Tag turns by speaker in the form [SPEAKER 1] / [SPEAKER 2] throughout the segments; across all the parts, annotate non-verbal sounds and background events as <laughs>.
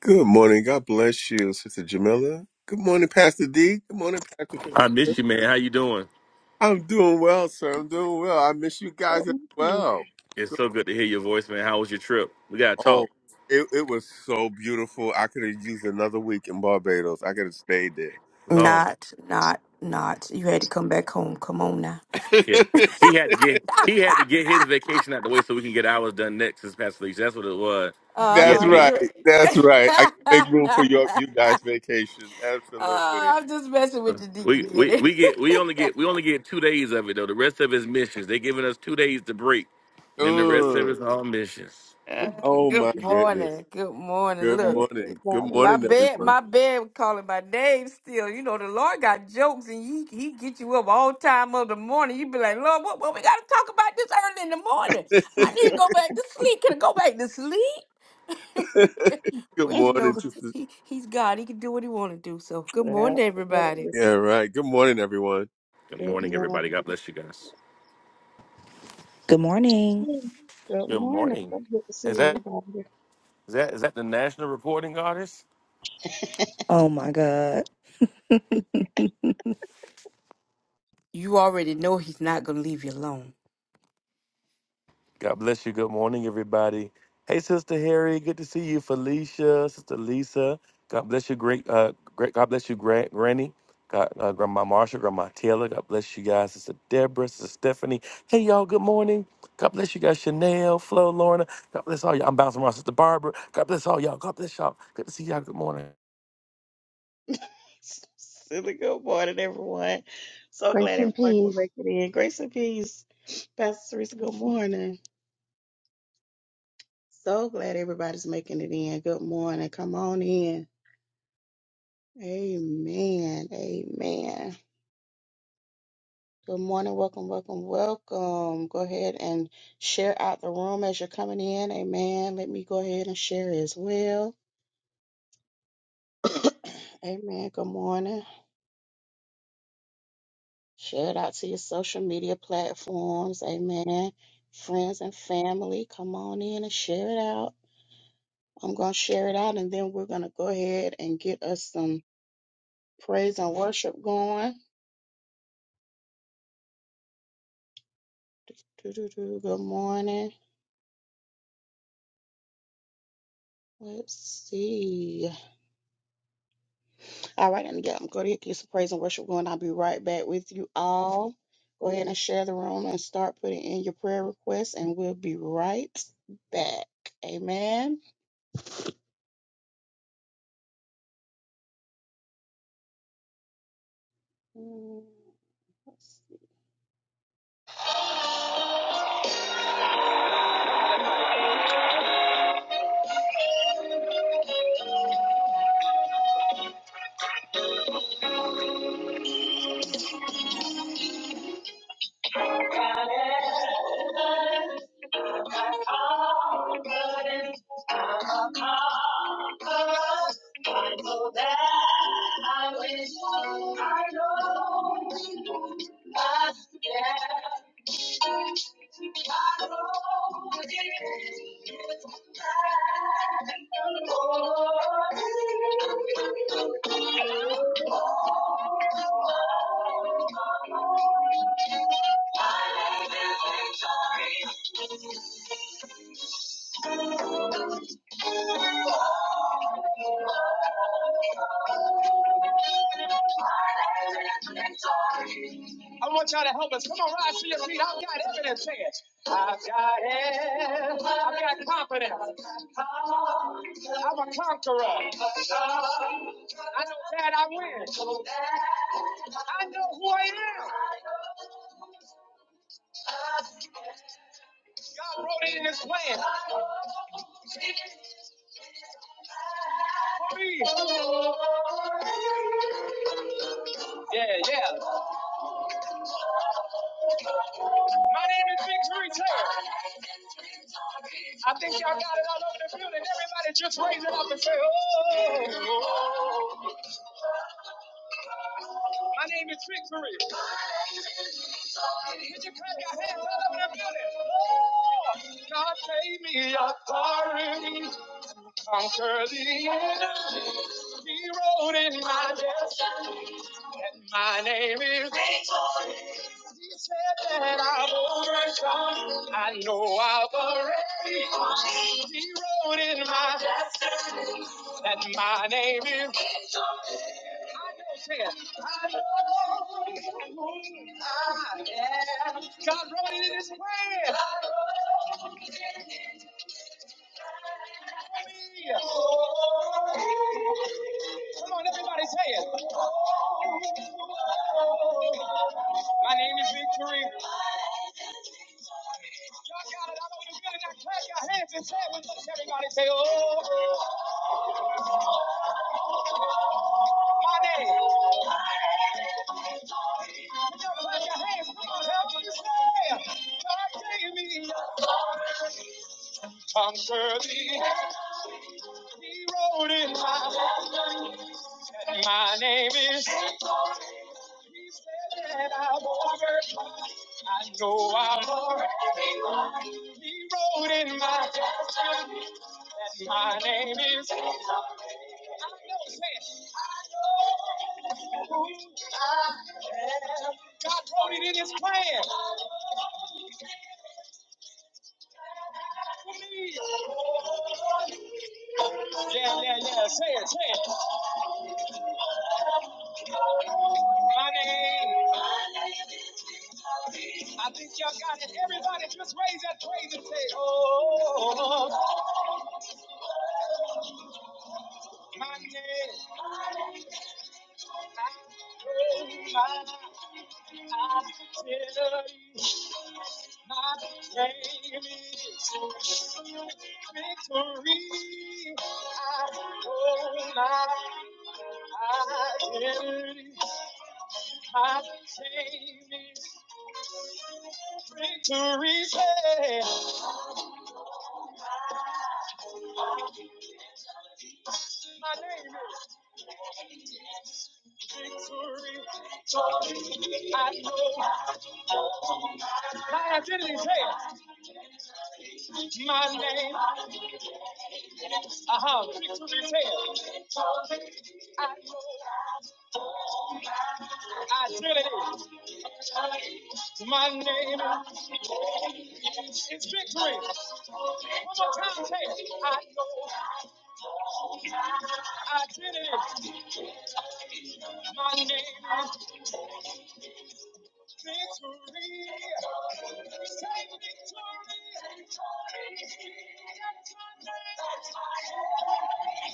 [SPEAKER 1] Good morning. God bless you, Sister Jamila. Good morning, Pastor D. Good morning, Pastor.
[SPEAKER 2] I miss
[SPEAKER 1] Felicia.
[SPEAKER 2] you, man. How you doing?
[SPEAKER 1] I'm doing well, sir. I'm doing well. I miss you
[SPEAKER 3] Good
[SPEAKER 1] guys as
[SPEAKER 3] morning.
[SPEAKER 1] well.
[SPEAKER 2] It's
[SPEAKER 1] Good-
[SPEAKER 2] so good to hear your voice, man. How was your trip? We gotta
[SPEAKER 1] Oh,
[SPEAKER 2] talk.
[SPEAKER 1] it, it was so beautiful. I could have used another week in Barbados. I could have stayed there.
[SPEAKER 2] Lord,
[SPEAKER 4] Not, not, not. You had to come back home. Come on now.
[SPEAKER 2] yeah. He had to get he had to get his vacation out the way so we can get ours done next this past week. That's what it was.
[SPEAKER 1] <laughs>
[SPEAKER 4] Uh
[SPEAKER 2] He had
[SPEAKER 1] That's
[SPEAKER 2] to
[SPEAKER 4] huh.
[SPEAKER 2] get
[SPEAKER 4] Good.
[SPEAKER 1] right. That's
[SPEAKER 4] <laughs>
[SPEAKER 1] right. I gotta make room
[SPEAKER 4] uh,
[SPEAKER 1] for your you guys' vacation. Absolutely.
[SPEAKER 4] I'm just messing with you, Deacon
[SPEAKER 2] we, we
[SPEAKER 4] Kitty.
[SPEAKER 2] we get we only get we only get two days of it though. The rest of his missions. They're giving us two days to break, and then the rest of
[SPEAKER 1] Ugh.
[SPEAKER 2] it's all missions.
[SPEAKER 4] Uh,
[SPEAKER 1] Oh
[SPEAKER 4] good
[SPEAKER 1] my goodness.
[SPEAKER 4] morning. Good morning.
[SPEAKER 1] Good
[SPEAKER 4] Look,
[SPEAKER 3] Praise
[SPEAKER 1] morning. Good
[SPEAKER 3] God and
[SPEAKER 4] my
[SPEAKER 1] morning,
[SPEAKER 4] bed,
[SPEAKER 3] everyone.
[SPEAKER 1] everyone.
[SPEAKER 4] my bed was calling my name still. You know, the Lord got jokes and he he get you up all time of the morning. You be like, Lord, what, what we gotta talk about this early in the morning? I need to go back to sleep. Can I go back to sleep?
[SPEAKER 1] <laughs>
[SPEAKER 4] <laughs>
[SPEAKER 1] Good
[SPEAKER 4] but you
[SPEAKER 3] <laughs>
[SPEAKER 4] know,
[SPEAKER 1] morning, sister.
[SPEAKER 4] he he's God. He can do what he wanna do. So good morning,
[SPEAKER 3] Well,
[SPEAKER 4] everybody.
[SPEAKER 3] good
[SPEAKER 1] Yeah, right. Good morning, everyone.
[SPEAKER 2] Good
[SPEAKER 3] good
[SPEAKER 2] morning,
[SPEAKER 3] morning.
[SPEAKER 2] everybody. God bless you guys.
[SPEAKER 5] Good morning.
[SPEAKER 3] Good
[SPEAKER 2] Good
[SPEAKER 3] morning.
[SPEAKER 2] morning.
[SPEAKER 3] So good to
[SPEAKER 2] Is
[SPEAKER 3] see
[SPEAKER 2] that
[SPEAKER 3] everybody.
[SPEAKER 2] is that is that the national reporting artist?
[SPEAKER 5] Oh my God.
[SPEAKER 4] You already know he's not gonna leave you alone.
[SPEAKER 2] God bless you. Good morning, everybody. Hey, Sister Harry, good to see you. Felicia, Sister Lisa. God bless you, great, uh, great. God bless you, Gran- Granny. God, uh, Grandma Marshall, Grandma Taylor. God bless you guys, Sister Deborah, Sister Stephanie. Hey, y'all. Good morning. God bless you guys, Chanel, Flo, Lorna. God bless all y'all. I'm bouncing around, Sister Barbara. God bless all y'all. God bless y'all. Good to see y'all. Good morning.
[SPEAKER 3] <laughs> Silly good morning, everyone. So glad everybody could make it in. Grace and peace. Pastor Teresa, good morning. So glad everybody's making it in. Good morning. Come on in. Amen. Amen. Good morning, welcome, welcome, welcome. Go ahead and share out the room as you're coming in. Amen. Let me go ahead and share as well. <coughs> <clears throat> Amen. Good morning. Share it out to your social media platforms. Amen. Friends and family, come on in and share it out. I'm going to share it out and then we're going to go ahead and get us some praise and worship going. Doo-doo-doo. Good morning. Let's see. All right, and yeah, I'm going to get you some praise and worship going. I'll be right back with you all. Go ahead and share the room and start putting in your prayer requests, and we'll be right back. Amen. Mm, let's see. I want y'all to help us. Come on, rise to your feet. I've got evidence. Say it. I've got evidence. I've got confidence. I'm a conqueror. I know that I win. I know who I am. God wrote it in His plan. Believe. Yeah, yeah. My name is Victory Taylor. I think y'all got it all over the building. Everybody just raise it up and say, oh. My name is Victory. Did you clap your hands all over the building? Oh, God gave me authority. Conquer the enemy. He wrote in my death. And my name is Victory. He said that I've overcome. I know I've already won. He wrote in my that my name is. I know, say it. I know I am. God wrote it in His plan for me. Come on, everybody, say it. My name is Victory. Y'all got it all over the building. Now clap your hands and say it with us. Everybody say, Oh, my name. Tom Shirley, he wrote in my, that my name is. He said that I'm over. I know I'm already He wrote in my that my name is. I know, say it. God wrote it in His plan. Yeah, yeah, yeah. Say it, say it. My name. I think y'all got it. Everybody just raise that praise and say, Oh, my name. I know my, I tell you, my name is victory. I know my identity. My name is victory. Say, my name is victory. I know My identity is here. My name. Uh-huh. Is here. Identity. My name is victory. One more time, say it. identity. My name is victory.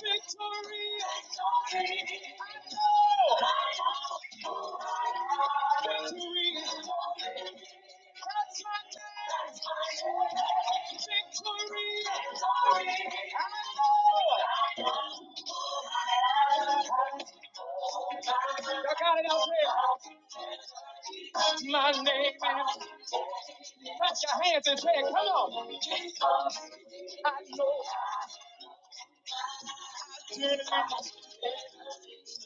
[SPEAKER 3] Victory. Victory. Victory. Power. Y'all got it out there. My name is. Clap your hands and say it. Come on. Victory, victory, that's my name. Victory, victory, I know. Victory, victory, that's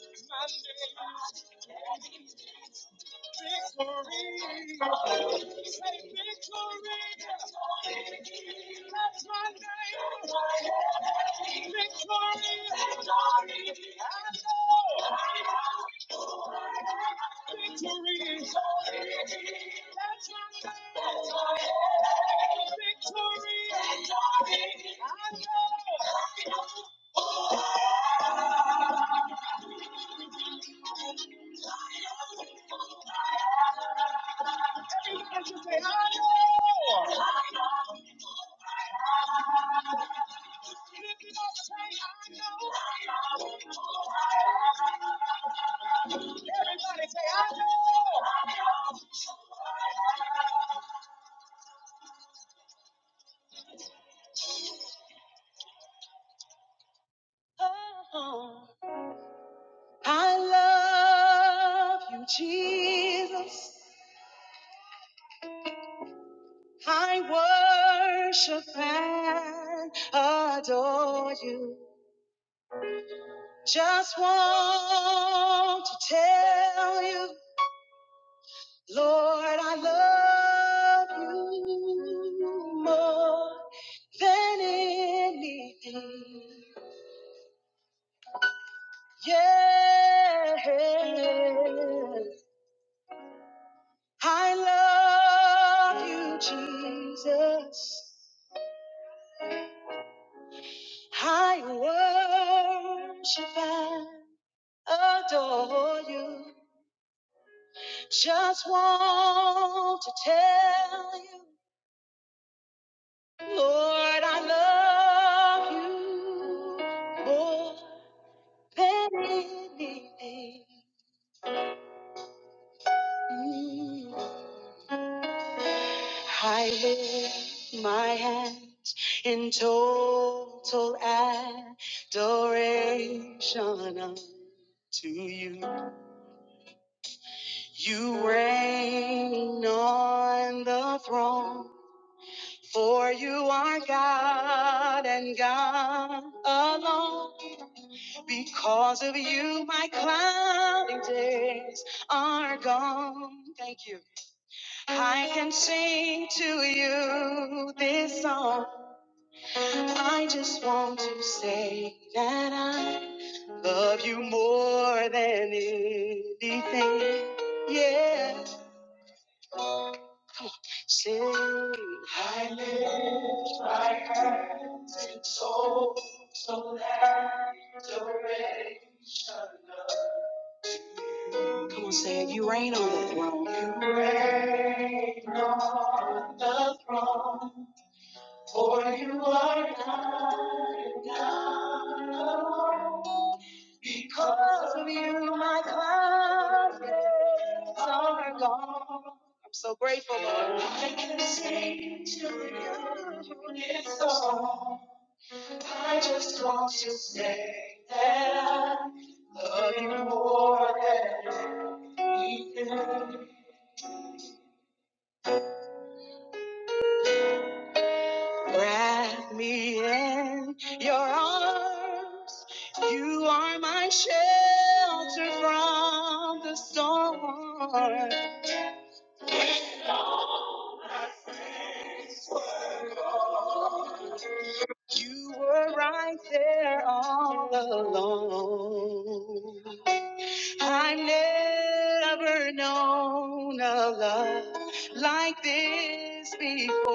[SPEAKER 3] my name. Victory, victory, I know. Everybody say, I know. Oh, I love you, Jesus. I worship and adore you. Just want to tell you. Lord, I love you more than anything. Yes, I love you, Jesus. I worship and adore you. Just want to tell you. Lord, I love you more than anything. Mm. I lift my hands in total adoration unto you. You reign on the throne, for you are God and God alone. Because of you, my cloudy days are gone. Thank you. I can sing to you this song. I just want to say that I love you more than anything. Yeah. Since I lift my hands in soul, so that adoration. Reign on the throne, for you are God and God alone. Because of you, my clouds are gone. I'm so grateful, Lord. I can sing to you this song. I just want to say that I love you more than anything. Wrap me in your arms. You are my shelter from the storm. You were right there all along. I've never known a love like this before.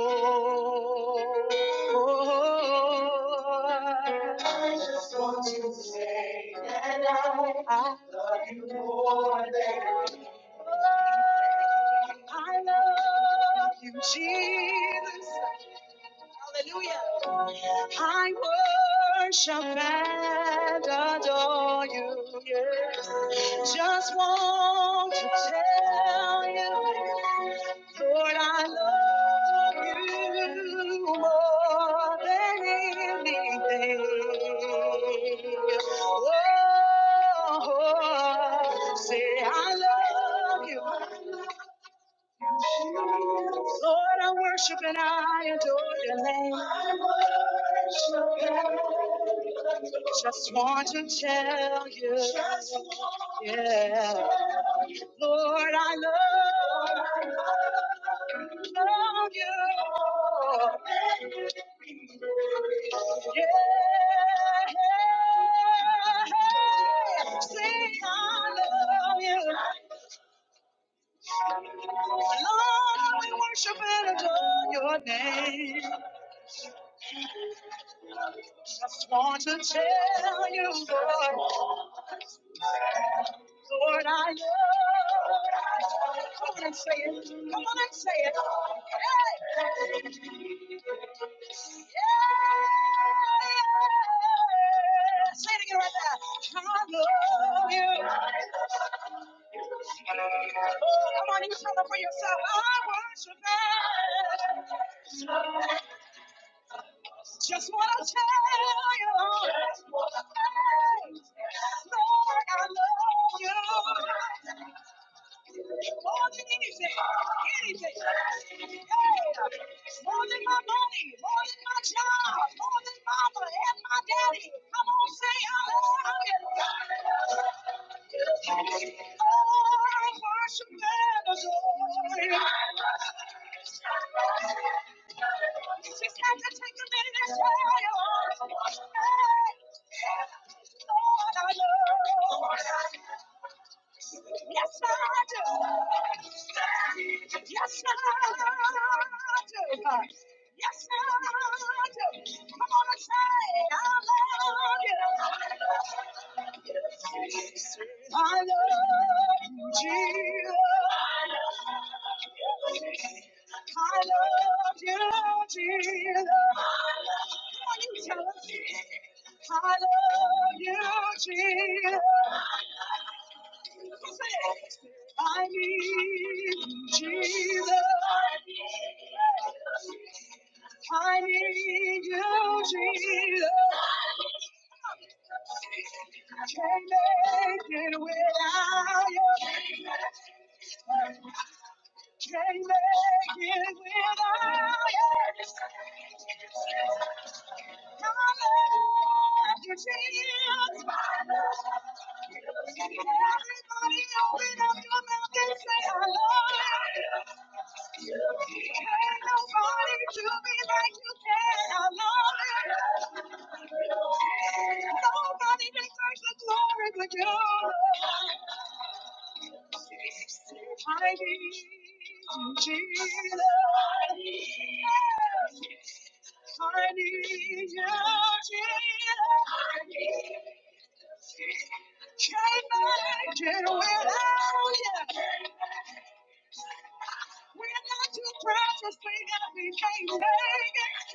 [SPEAKER 3] I just want to say that I, I love you more than I love you, Jesus. Hallelujah. I worship and adore you. Yes. Just want to tell you, Lord, I love you more than anything. Oh, say I love you. Lord, I worship and I adore your name. Just want to tell you, yeah. Lord, I love, love you. Yeah. Say I love you. Lord, we worship and adore your name. Just want to tell you, Lord, Lord, I love you. Come on and say it. Come on and say it. Hey. Yeah. Say it again right there. I love you. Oh, come on, you tell them for yourself. I worship you. Just wanna tell you, Lord, Just wanna tell you. Lord, I love you. More than anything, anything. Yeah. More than my money, more than my job, more than mama and my daddy. Come on, say hallelujah. Oh, I worship and adore you. You just have to take a minute and say, Lord, I love you. Yes, I do. Yes, I do. Yes, I do. Come on and say, I love you. I love you, Jesus. I love you, Jesus. Come on, you tell us. I love you, Jesus. I need you, Jesus. I need you, Jesus. Can't make it without you. Can't make it without you. I I love love love you, you. you you. Everybody, open up your mouth and say I love you. Can't nobody do me like you can. I love you. Nobody deserves the glory but you. I need you, Jesus. I need you, Jesus. Can't make it without you. We're not too precious, we got we can't make it.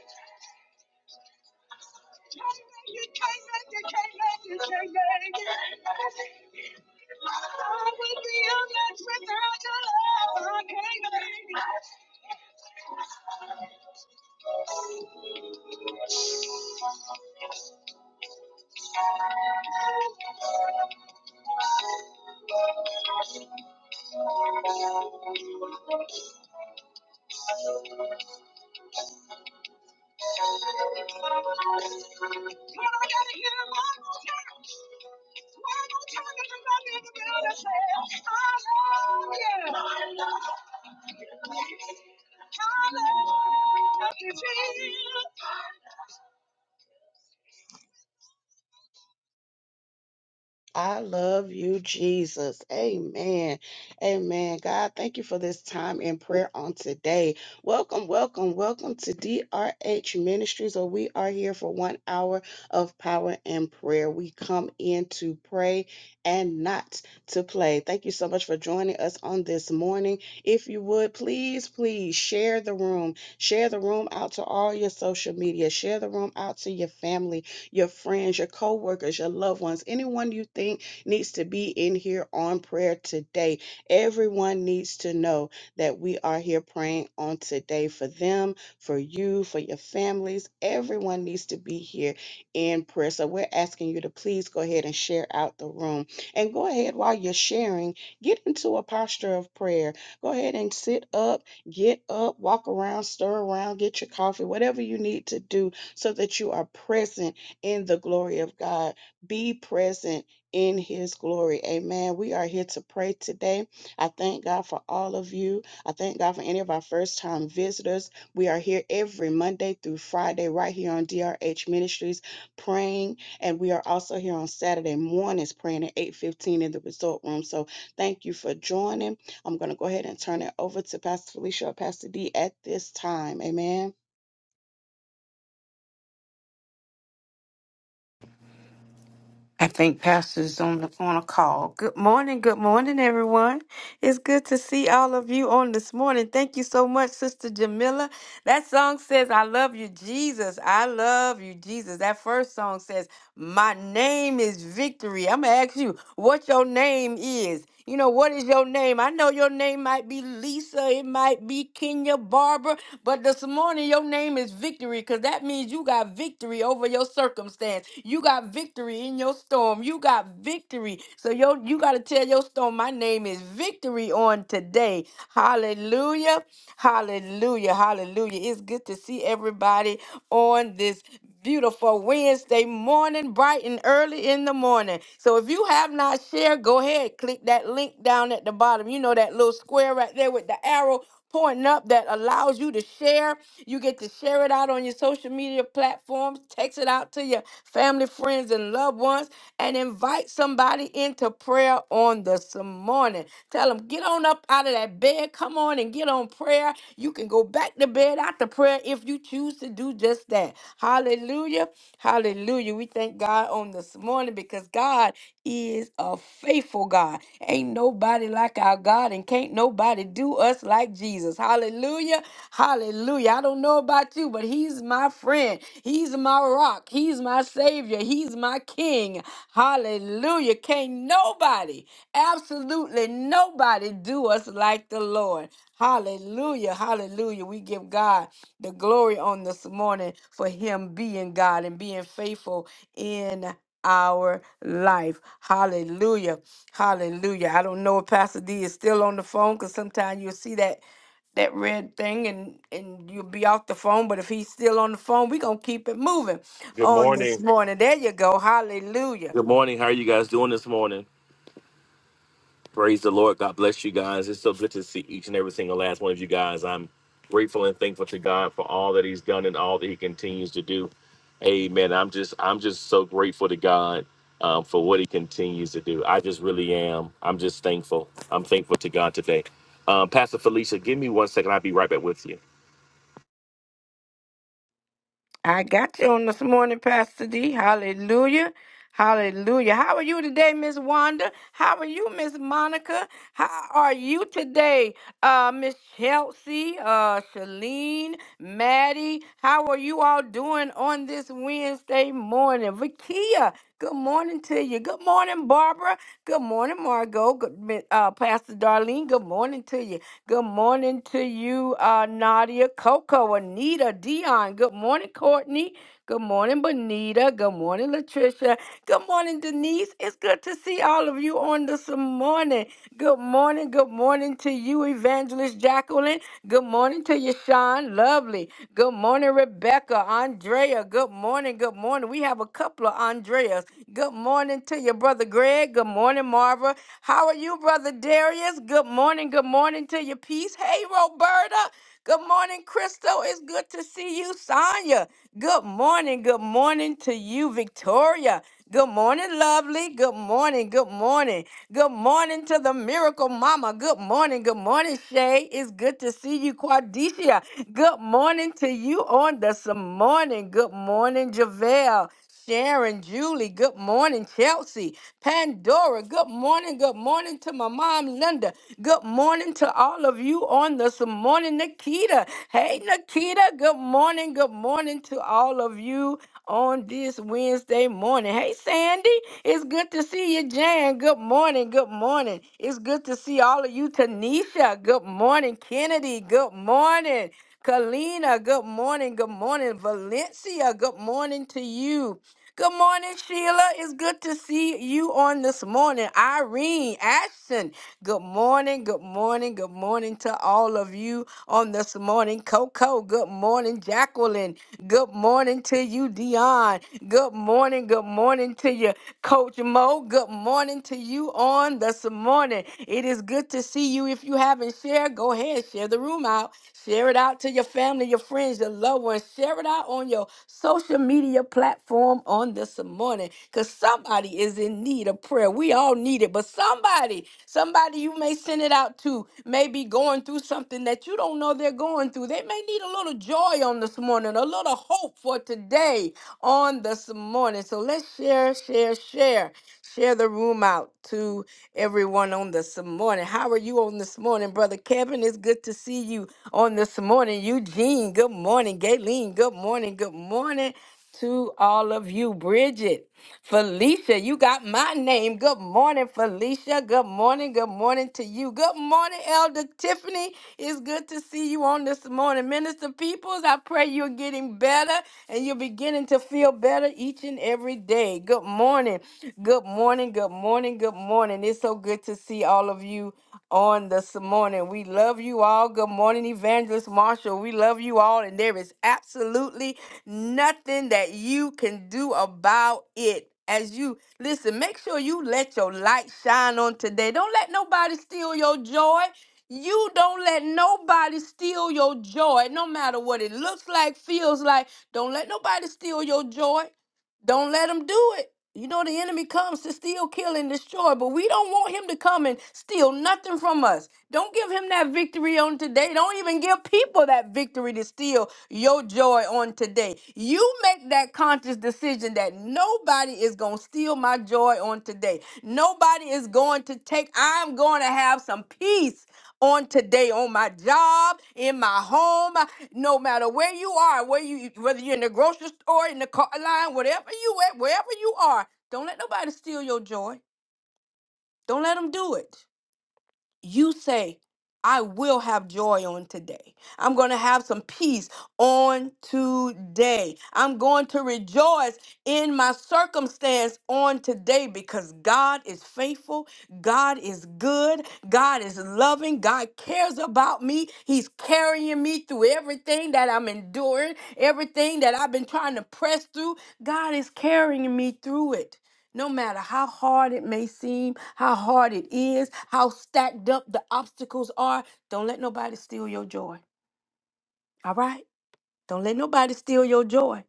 [SPEAKER 3] Hallelujah. Hallelujah. I love you, Jesus. Amen. Amen. God, thank you for this time in prayer on today. Welcome, welcome, welcome to DRH Ministries, where we are here for one hour of power and prayer. We come in to pray and not to play. Thank you so much for joining us on this morning. If you would, please, please share the room. Share the room out to all your social media. Share the room out to your family your friends, your coworkers, your loved ones, anyone you think needs to be in here on prayer today. Everyone needs to know that we are here praying on today for them, for you, for your families. Everyone needs to be here in prayer. So we're asking you to please go ahead and share out the room. And go ahead while you're sharing, get into a posture of prayer. Go ahead and sit up, get up, walk around, stir around, get your coffee, whatever you need to do so that you are present in the glory of God. Be present in his glory. Amen. We are here to pray today. I thank God for all of you. I thank God for any of our first time visitors. We are here every Monday through Friday right here on DRH Ministries praying and we are also here on Saturday mornings praying at 8:15 in the resort room. So thank you for joining. I'm going to go ahead and turn it over to Pastor Felicia or Pastor D at this time. Amen.
[SPEAKER 4] I think Pastor's on the on a call. Good morning, good morning, everyone. It's good to see all of you on this morning. Thank you so much, Sister Jamila. That song says, "I love you, Jesus. I love you, Jesus." That first song says, "My name is Victory." I'm gonna ask you what your name is. You know, what is your name? I know your name might be Lisa, it might be Kenya Barbara, but this morning your name is victory because that means you got victory over your circumstance. You got victory in your storm. You got victory. So yo, you got to tell your storm, my name is victory on today. Hallelujah. Hallelujah. Hallelujah. It's good to see everybody on this beautiful Wednesday morning, bright and early in the morning. So if you have not shared, go ahead, click that link down at the bottom. You know that little square right there with the arrow pointing up that allows you to share. You get to share it out on your social media platforms, text it out to your family, friends, and loved ones, and invite somebody into prayer on this morning. Tell them tell them, get on up out of that bed. Come on and get on prayer. You can go back to bed after prayer if you choose to do just that. Hallelujah. Hallelujah. We thank God on this morning because God is a faithful God. Ain't nobody like our God and can't nobody do us like Jesus. Hallelujah. Hallelujah. I don't know about you, but he's my friend. He's my rock. He's my my Savior. He's my King. Hallelujah. Can't nobody, absolutely nobody, do us like the Lord. Hallelujah. Hallelujah. We give God the glory on this morning for Him being God and being faithful in our life. Hallelujah. Hallelujah. I don't know if Pastor D is still on the phone because sometimes you'll see that that red thing and and you'll be off the phone but if he's still on the phone we're gonna keep it moving
[SPEAKER 2] Good
[SPEAKER 4] on this
[SPEAKER 2] morning.
[SPEAKER 4] morning there you go hallelujah
[SPEAKER 2] Good morning. How are you guys doing this morning? Praise the Lord. God bless you guys. It's so good to see each and every single last one of you guys. I'm grateful and thankful to God for all that He's done and all that He continues to do. Amen. I'm just I'm just so grateful to God um, for what He continues to do. I just really am. I'm just thankful. I'm thankful to God today. Um, Pastor Felicia, give me one second. I'll be right back with you.
[SPEAKER 4] I got you on this morning, Pastor D. Hallelujah. Hallelujah. How are you today, Miss Wanda? How are you, Miss Monica? How are you today, uh, Miss Chelsea, uh, Shalene, Maddie? How are you all doing on this Wednesday morning? Vakia, good morning to you. Good morning, Barbara. Good morning, Margot. Good, mi- uh, Pastor Darlene, good morning to you. Good morning morning to you, uh, Nadia, Coco, Anita, Dion. Good morning, Courtney. Good morning, Bonita. Good morning, Latricia. Good morning, Denise. It's good to see all of you on this morning. Good morning. Good morning to you, Evangelist Jacqueline. Good morning to you, Sean. Lovely. Good morning, Rebecca, Andrea. Good morning. Good morning. We have a couple of Andreas. Good morning to your brother, Greg. Good morning, Marva. How are you, Brother Darius? Good morning. Good morning to your peace. Hey, Roberta. Good morning, Crystal. It's good to see you, Sonya. Good morning. Good morning to you, Victoria. Good morning, lovely. Good morning. Good morning. Good morning to the miracle mama. Good morning. Good morning, Shay. It's good to see you, Quadicia. Good morning to you on this morning. Good morning, Javelle. Sharon, Julie, good morning, Chelsea. Pandora, good morning. Good morning to my mom, Linda. Good morning to all of you on this morning, Nikita. Hey, Nikita, good morning. Good morning to all of you on this Wednesday morning. Hey, Sandy, it's good to see you, Jan. Good morning. Good morning. It's good to see all of you, Tanisha. Good morning, Kennedy. Good morning. Kalina, good morning. Good morning. Valencia, good morning to you. Good morning, Sheila. It's good to see you on this morning. Irene Ashton. Good morning, good morning, good morning to all of you on this morning. Coco, good morning. Jacqueline, good morning to you. Dion, good morning, good morning to you. Coach Mo, good morning to you on this morning. It is good to see you. If you haven't shared, go ahead, share the room out. Share it out to your family, your friends, your loved ones. Share it out on your social media platform on this morning because somebody is in need of prayer. We all need it, but somebody, somebody you may send it out to, may be going through something that you don't know they're going through. They may need a need a little joy on this morning, a little hope for today on this morning. So let's share, share, share. Share the room out to everyone on this morning. How are you on this morning, Brother Kevin? It's good to see you on this morning. Eugene, good morning. Gayleen, good morning. Good morning to all of you. Bridget, Felicia, you got my name. Good morning, Felicia. Good morning. Good morning to you. Good morning, Elder Tiffany. It's good to see you on this morning. Minister Peoples, I pray you're getting better and you're beginning to feel better each and every day. Good morning. Good morning. Good morning. Good morning. It's so good to see all of you on this morning. We love love you all. Good morning, Evangelist Marshall. We love you all, and there is absolutely nothing that you can do about it. As you listen, make sure you let your light shine on today. Don't let nobody steal your joy. You don't let nobody steal your joy, no matter what it looks like, feels like. Don't let nobody steal your joy. Don't let him do it. You know the enemy comes to steal, kill, and destroy, but we don't want him to come and steal nothing from us. Don't give him that victory on today. Don't even give people that victory to steal your joy on today. You make that conscious decision that nobody is going to steal my joy on today. Nobody is going to take, I'm going to have some peace on today on my job, in my home no matter where you are, where you whether you're in the grocery store, in the car line, whatever you at, wherever you are, don't let nobody steal your joy. Don't let them do it you say, I will have joy on today. I'm going to have some peace on today. I'm going to rejoice in my circumstance on today because God is faithful. God is good. God is loving. God cares about me. He's carrying me through everything that I'm enduring, everything that I've been trying to press through. God is carrying me through it. No matter how hard it may seem, how hard it is, how stacked up the obstacles are, don't let nobody steal your joy. All right? Don't let nobody steal your joy.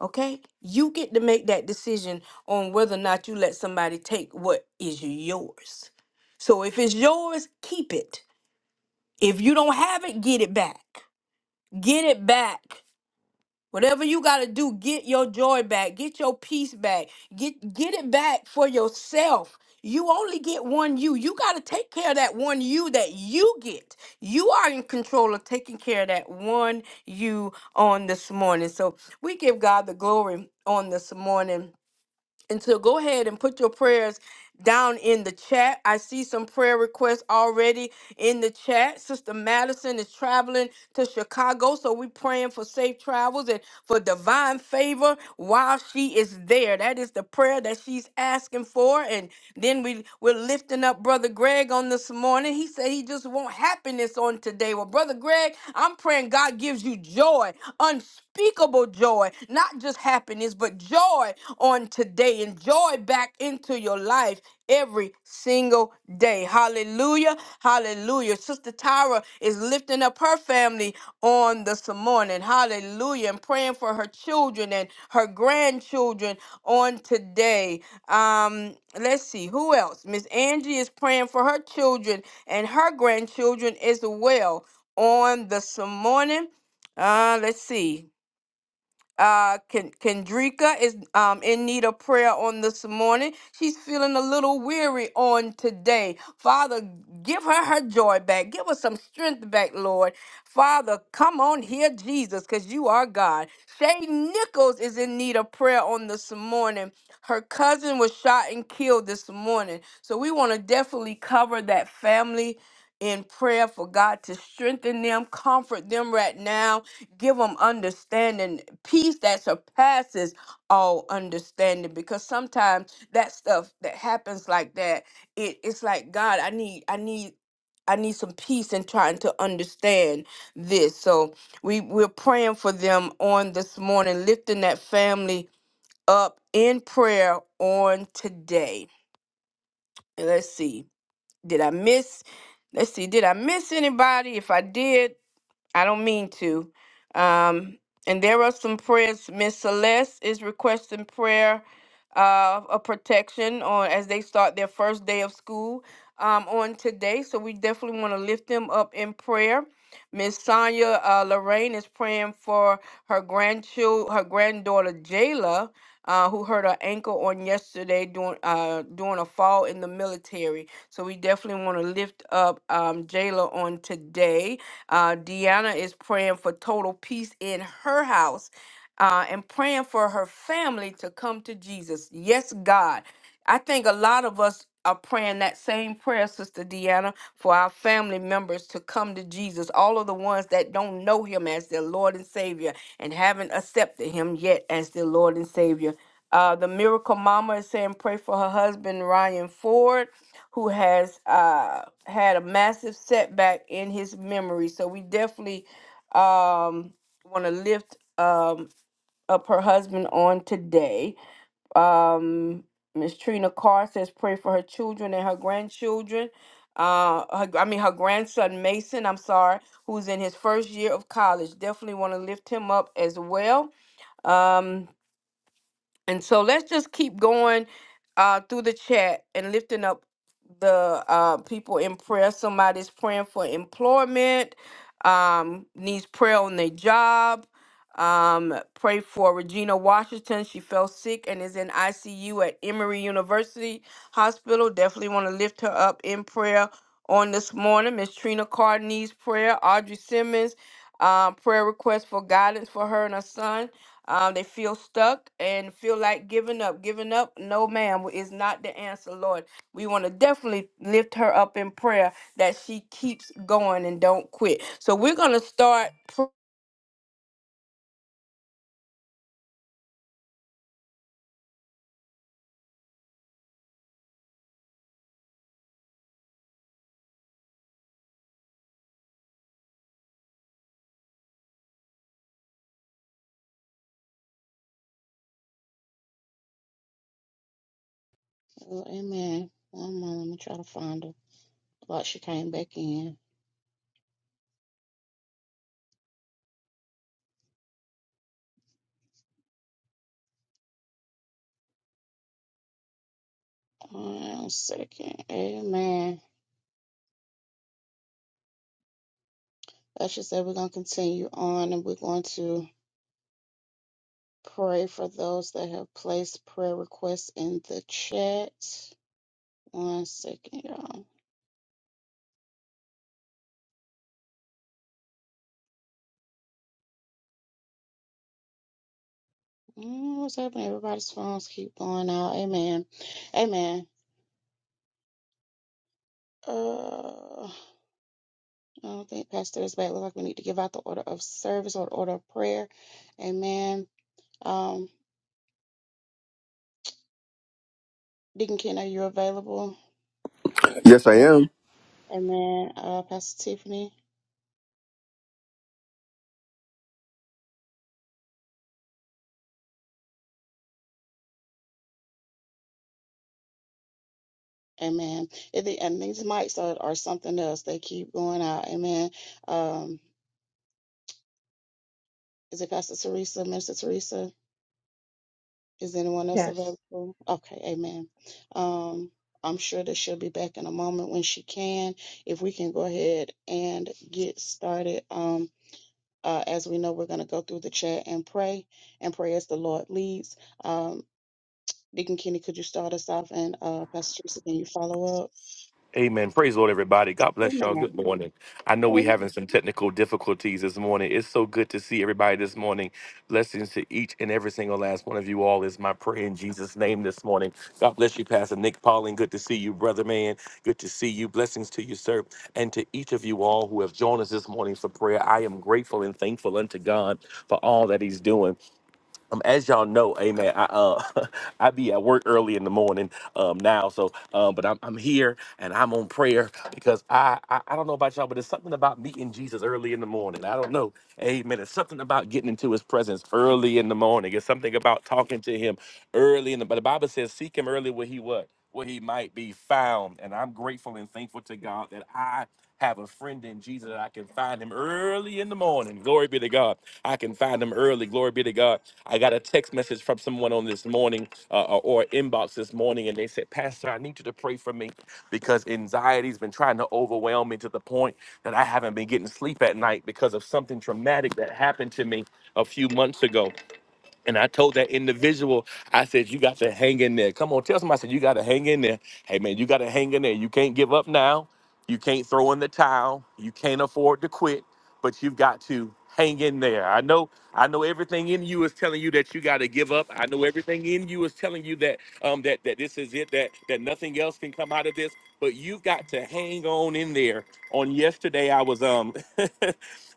[SPEAKER 4] Okay? You get to make that decision on whether or not you let somebody take what is yours. So if it's yours, keep it. If you don't have it, get it back. Get it back. Whatever you got to do, get your joy back, get your peace back, get get it back for yourself. You only get one you. You got to take care of that one you that you get. You are in control of taking care of that one you on this morning. So we give God the glory on this morning. And so go ahead and put your prayers down in the chat. I see some prayer requests already in the chat. Sister Madison is traveling to Chicago, so we're praying for safe travels and for divine favor while she is there. That is the prayer that she's asking for. And then we, we're lifting up Brother Greg on this morning. He said he just want happiness on today. Well, Brother Greg, I'm praying God gives you joy, unspeakable joy, not just happiness is but joy on today and joy back into your life every single day. Hallelujah. Hallelujah. Sister Tyra is lifting up her family on this morning. Hallelujah. And praying for her children and her grandchildren on today. Um, let's see who else. Miss Angie is praying for her children and her grandchildren as well on this morning. Uh, let's see. Uh, Ken- Kendrika is um, in need of prayer on this morning. She's feeling a little weary on today. Father, give her her joy back. Give her some strength back, Lord. Father, come on here, Jesus, because you are God. Shay Nichols is in need of prayer on this morning. Her cousin was shot and killed this morning. So we want to definitely cover that family in prayer for God to strengthen them, comfort them right now give them understanding, peace that surpasses all understanding. Because sometimes that stuff that happens like that, it, it's like God, I need, I need, I need some peace in trying to understand this. So we we're praying for them on this morning, lifting that family up in prayer on today. And Let's see, did I miss? Let's see, did I miss anybody? If I did, I don't mean to. Um, and there are some prayers. Miss Celeste is requesting prayer uh, of protection on as they start their first day of school um, on today. So we definitely want to lift them up in prayer. Miss Sonia uh, Lorraine is praying for her grandchild, her granddaughter Jayla, uh, who hurt her ankle on yesterday during uh, during a fall in the military. So we definitely want to lift up um, Jayla on today. Uh, Deanna is praying for total peace in her house uh, and praying for her family to come to Jesus. Yes, God. I think a lot of us are praying that same prayer, Sister Deanna, for our family members to come to Jesus, all of the ones that don't know him as their Lord and Savior and haven't accepted him yet as their Lord and Savior. Uh, the Miracle Mama is saying, pray for her husband, Ryan Ford who has uh, had a massive setback in his memory. So we definitely um, want to lift um, up her husband on today. Um, Miss Trina Carr says, pray for her children and her grandchildren. Uh, her, I mean, her grandson Mason, I'm sorry, who's in his first year of college. Definitely want to lift him up as well. Um, and so let's just keep going uh, through the chat and lifting up the uh, people in prayer. Somebody's praying for employment, um, needs prayer on their job. Um, pray for Regina Washington. She fell sick and is in ICU at Emory University Hospital. Definitely want to lift her up in prayer on this morning. Miss Trina Carr needs prayer. Audrey Simmons, uh, prayer request for guidance for her and her son. Um, they feel stuck and feel like giving up. Giving up, no, ma'am, is not the answer, Lord. We want to definitely lift her up in prayer that she keeps going and don't quit. So we're going to start. pr-
[SPEAKER 3] Oh, amen. One moment, let me try to find her. Thought she came back in. One second. Amen. Let's just say we're going to continue on and we're going to pray for those that have placed prayer requests in the chat. One second, y'all. Mm, what's happening? Everybody's phones keep going out. Amen. Amen. Uh, I don't think Pastor is back. Looks like we need to give out the order of service or the order of prayer. Amen. Um, Deacon Ken, are you available?
[SPEAKER 1] Yes, I
[SPEAKER 3] Amen.
[SPEAKER 1] am.
[SPEAKER 3] Amen. Uh, Pastor Tiffany. Amen. And, the, and these mics are, are something else. They keep going out. Amen. Um, is it Pastor Teresa, Minister Teresa? Is anyone else available? Okay. Amen. Um, I'm sure that she'll be back in a moment when she can. If we can go ahead and get started. Um, uh, as we know, we're going to go through the chat and pray and pray as the Lord leads. Um, Deacon Kenny, could you start us off? And uh, Pastor Teresa, can you follow
[SPEAKER 2] Amen. Praise the Lord, everybody. God
[SPEAKER 3] up?
[SPEAKER 2] bless y'all. Good morning. I know we're having some technical difficulties this morning. It's so good to see everybody this morning. Blessings to each and every single last one of you all is my prayer in Jesus' name this morning. God bless you, Pastor Nick Pauling. Good to see you, brother man. Good to see you. Blessings to you, sir. And to each of you all who have joined us this morning for prayer. I am grateful and thankful unto God for all that He's doing um, as y'all know, amen. I uh, <laughs> I be at work early in the morning um now, so um, but I'm I'm here and I'm on prayer because I, I I don't know about y'all, but it's something about meeting Jesus early in the morning. I don't know, amen. It's something about getting into His presence early in the morning. It's something about talking to Him early in the. But the Bible says, seek Him early where He what where He might be found. And I'm grateful and thankful to God that I have a friend in Jesus. that I can find Him early in the morning. Glory be to God. I can find Him early. Glory be to God I got a text message from someone on this morning uh, or or inbox this morning, and they said, Pastor, I need you to pray for me because anxiety's been trying to overwhelm me to the point that I haven't been getting sleep at night because of something traumatic that happened to me a few months ago. And I told that individual, I said, you got to hang in there. Come on, tell somebody, I said, you got to hang in there. Hey, man, you got to hang in there. You can't give up now. You can't throw in the towel. You can't afford to quit, but you've got to hang in there. I know, I know everything in you is telling you that you got to give up. I know everything in you is telling you that, um, that, that this is it, that, that nothing else can come out of this, but you've got to hang on in there. On yesterday, I was, um, <laughs>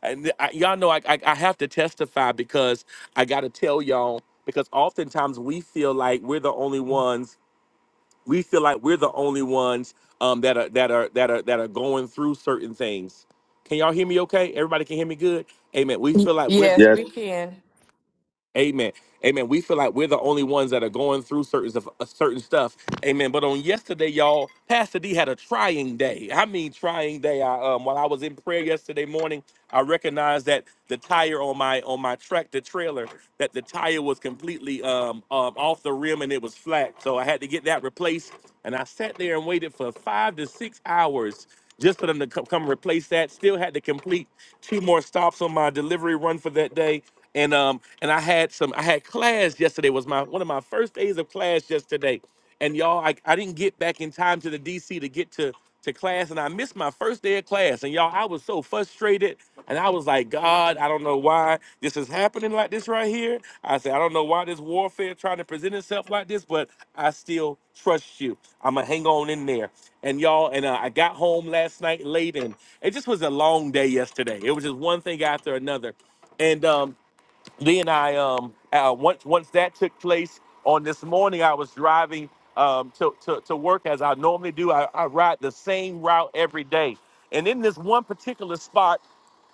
[SPEAKER 2] and I, y'all know I, I, I have to testify because. I gotta tell y'all because oftentimes we feel like we're the only ones. We feel like we're the only ones um, that are that are that are that are going through certain things. Can y'all hear me? Okay, everybody can hear me good. Amen. We feel like we're
[SPEAKER 4] Yes,
[SPEAKER 1] Yes,
[SPEAKER 4] we can.
[SPEAKER 2] Amen. Amen. We feel like we're the only ones that are going through certain stuff- uh, certain stuff. Amen. But on yesterday, y'all, Pastor D had a trying day. I mean, trying day. I, um, while I was in prayer yesterday morning, I recognized that the tire on my on my tractor trailer, that the tire was completely um, um off the rim and it was flat. So I had to get that replaced. And I sat there and waited for five to six hours just for them to co- come replace that. Still had to complete two more stops on my delivery run for that day and um and I had some I had class yesterday was my one of my first days of class yesterday and y'all I, I didn't get back in time to the DC to get to to class and I missed my first day of class and y'all I was so frustrated and I was like God I don't know why this is happening like this right here I said I don't know why this warfare trying to present itself like this but I still trust you I'm gonna hang on in there and y'all and uh, I got home last night late and it just was a long day yesterday it was just one thing after another and um then I um uh, once once that took place on this morning, I was driving um to to, to work as I normally do. I, I ride the same route every day, and in this one particular spot.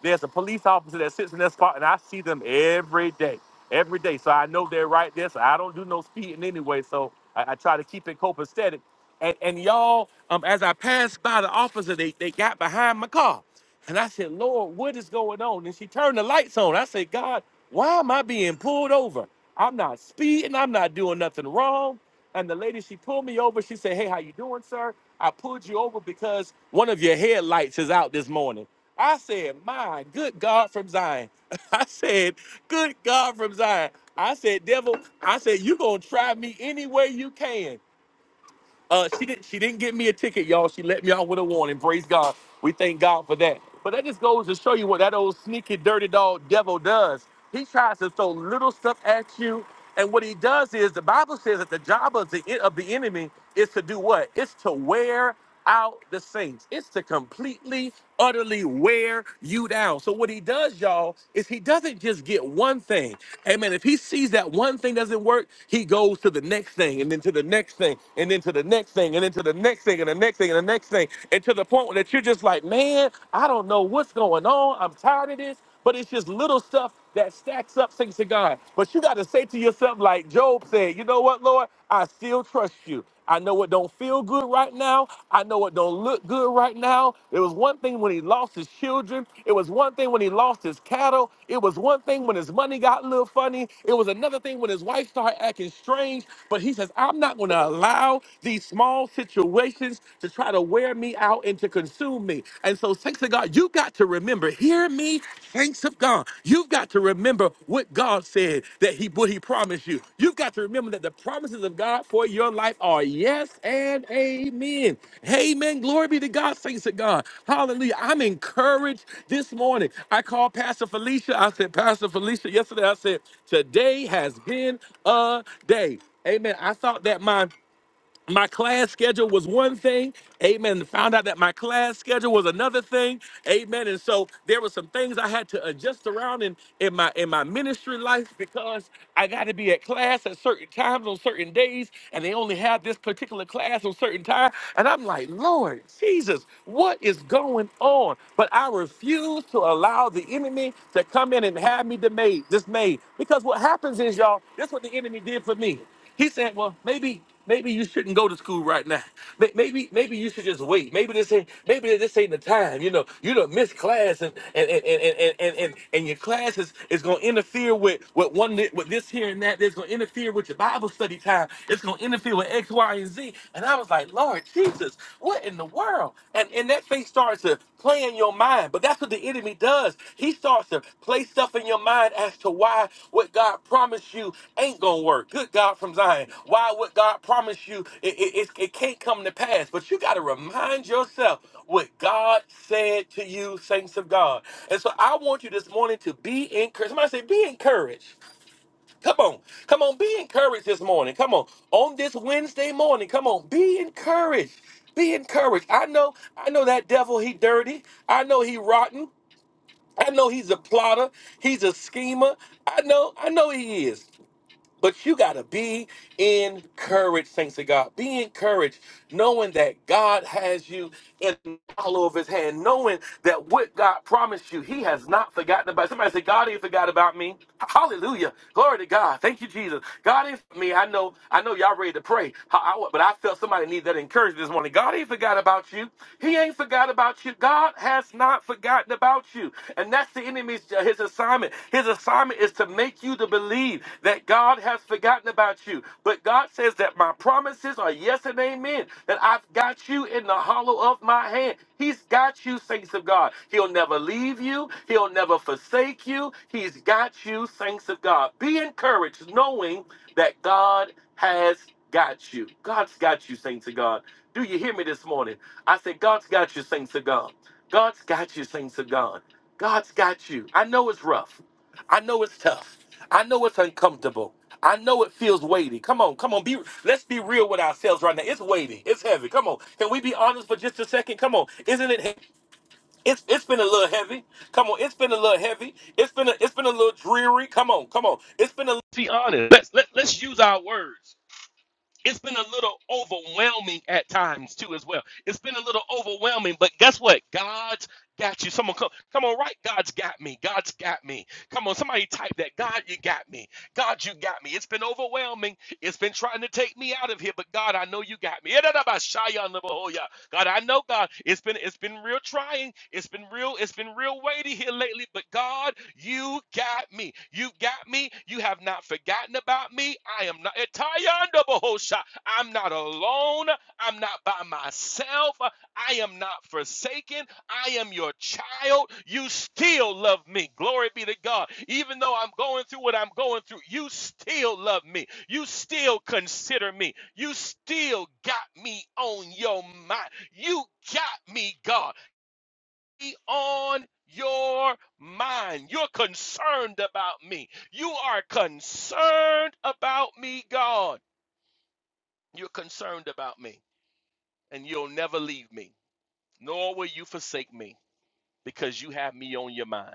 [SPEAKER 2] There's a police officer that sits in that spot, and I see them every day, every day. So I know they're right there. So I don't do no speeding anyway. So I, I try to keep it copacetic. And, and y'all, um, as I passed by the officer, they, they got behind my car. And I said, Lord, what is going on? And she turned the lights on. I said, God, why am I being pulled over? I'm not speeding. I'm not doing nothing wrong. And the lady, she pulled me over. She said, hey, how you doing, sir? I pulled you over because one of your headlights is out this morning. I said, "My good God from Zion." <laughs> I said, "Good God from Zion." I said, "Devil," I said, "You gonna try me any way you can." Uh, she didn't. She didn't get me a ticket, y'all. She let me out with a warning. Praise God. We thank God for that. But that just goes to show you what that old sneaky, dirty dog devil does. He tries to throw little stuff at you. And what he does is the Bible says that the job of the, of the enemy is to do what? It's to wear out the saints. It's to completely, utterly wear you down. So what he does, y'all, is he doesn't just get one thing. Amen. If he sees that one thing doesn't work, he goes to the next thing, and then to the next thing, and then to the next thing, and then to the next thing, and the next thing, and the next thing next thing. And to the point that you're just like, man, I don't know what's going on. I'm tired of this. But it's just little stuff that stacks up, thanks to God. But you got to say to yourself, like Job said, you know what, Lord, I still trust you. I know it don't feel good right now. I know it don't look good right now. It was one thing when he lost his children. It was one thing when he lost his cattle. It was one thing when his money got a little funny. It was another thing when his wife started acting strange. But he says, I'm not going to allow these small situations to try to wear me out and to consume me. And so, thanks to God, you got to remember, hear me, thanks of God. You've got to remember what God said that He what He promised you. You've got to remember that the promises of God for your life are yes and amen. Amen. Glory be to God. Thanks to God. Hallelujah. I'm encouraged this morning. I called Pastor Felicia. I said, Pastor Felicia, yesterday I said, today has been a day. Amen. I thought that my my class schedule was one thing, amen. and Found out that my class schedule was another thing, amen. And so there were some things I had to adjust around in, in my in my ministry life because I got to be at class at certain times on certain days, and they only had this particular class on certain time. And I'm like, Lord Jesus, what is going on? But I refuse to allow the enemy to come in and have me dismayed, dismayed. Because what happens is, y'all, that's what the enemy did for me. He's saying, well, maybe maybe you shouldn't go to school right now. May- Maybe maybe you should just wait. Maybe this ain't maybe this ain't the time. You know, you done miss class and and and and and and, and, and your class is, is gonna interfere with with one thi- with this here and that. That's gonna interfere with your Bible study time. It's gonna interfere with X, Y, and Z. And I was like, Lord Jesus, what in the world? And and that starts to play in your mind. But that's what the enemy does. He starts to play stuff in your mind as to why what God promised you ain't gonna work. Good God from Zion. Why what God promised you it, it, it, it can't come to pass. But you gotta remind yourself what God said to you, saints of God. And so I want you this morning to be encouraged. Somebody say, be encouraged. Come on. Come on. Be encouraged this morning. Come on. On this Wednesday morning. Come on. Be encouraged. Be encouraged. I know, I know that devil, he dirty. I know he rotten. I know he's a plotter. He's a schemer. I know, I know he is. But you got to be encouraged, saints of God. Be encouraged, knowing that God has you in the hollow of his hand, knowing that what God promised you, he has not forgotten about. Somebody say, God ain't forgot about me. Hallelujah. Glory to God. Thank you, Jesus. God ain't for me. I know, I know y'all ready to pray, I- I- but I felt somebody need that encouragement this morning. God ain't forgot about you. He ain't forgot about you. God has not forgotten about you. And that's that's the enemy's uh, his assignment. His assignment is to make you to believe that God has forgotten about you. But God says that my promises are yes and amen. That I've got you in the hollow of my hand. He's got you, saints of God. He'll never leave you. He'll never forsake you. He's got you, saints of God. Be encouraged, knowing that God has got you. God's got you, saints of God. Do you hear me this morning? I said, God's got you, saints of God. God's got you, saints of God. God's got you. I know it's rough. I know it's tough. I know it's uncomfortable. I know it feels weighty. Come on, come on. Be let's be real with ourselves right now. It's weighty. It's heavy. Come on. Can we be honest for just a second? Come on. Isn't it? he- It's it's been a little heavy. Come on. It's been a little heavy. It's been a, it's been a little dreary. Come on. Come on. It's been a. Let's be honest. Let's let, let's use our words it's been a little overwhelming at times too as well it's been a little overwhelming but guess what god's got you someone come come on right god's got me god's got me come on somebody type that god you got me god you got me it's been overwhelming it's been trying to take me out of here but god i know you got me God, I know God, it's been it's been real trying. It's been real, it's been real weighty here lately, but God, you got me. You got me. You have not forgotten about me. I am not Etayanda Bahosha. I'm not alone. I'm not by myself. I am not forsaken. I am your child. You still love me. Glory be to God. Even though I'm going through what I'm going through, you still love me. You still consider me. You still got me on your mind. You got me, God. Be on your mind. You're concerned about me. You are concerned about me, God. You're concerned about me, and you'll never leave me, nor will you forsake me because you have me on your mind.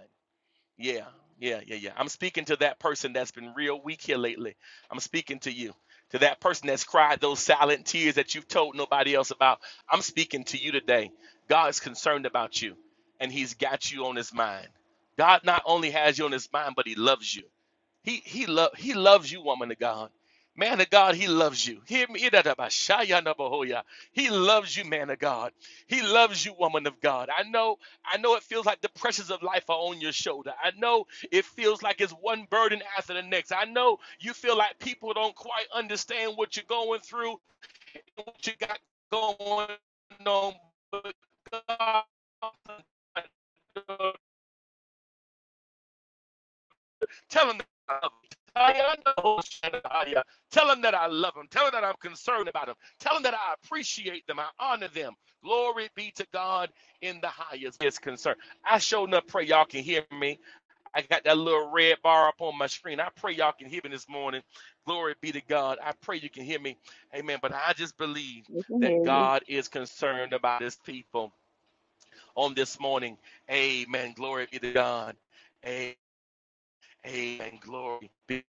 [SPEAKER 2] Yeah, yeah, yeah, yeah. I'm speaking to that person that's been real weak here lately. I'm speaking to you, to that person that's cried those silent tears that you've told nobody else about. I'm speaking to you today. God is concerned about you, and He's got you on His mind. God not only has you on His mind, but He loves you. He he love he loves you, woman of God. Man of God, he loves you. Hear me. He loves you, man of God. He loves you, woman of God. I know, I know it feels like the pressures of life are on your shoulder. I know it feels like it's one burden after the next. I know you feel like people don't quite understand what you're going through and what you got going on. But God Tell him that I love him. Tell him that I love him. Tell him that I'm concerned about him. Tell him that I appreciate them. I honor them. Glory be to God in the highest is concerned. I showed up. Pray y'all can hear me. I got that little red bar up on my screen. I pray y'all can hear me this morning. Glory be to God. I pray you can hear me. Amen. But I just believe
[SPEAKER 3] We can
[SPEAKER 2] that
[SPEAKER 3] hear you.
[SPEAKER 2] God is concerned about his people on this morning. Amen. Glory be to God. Amen. Amen. Glory be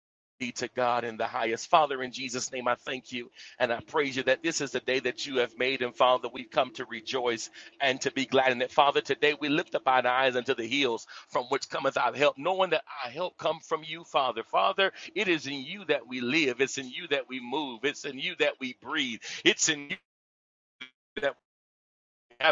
[SPEAKER 2] to God in the highest. Father, in Jesus' name, I thank you and I praise you that this is the day that you have made. And Father, we've come to rejoice and to be glad in it. Father, today we lift up our eyes unto the hills from which cometh our help, knowing that our help come from you, Father. Father, it is in you that we live. It's in you that we move. It's in you that we breathe. It's in you that we have.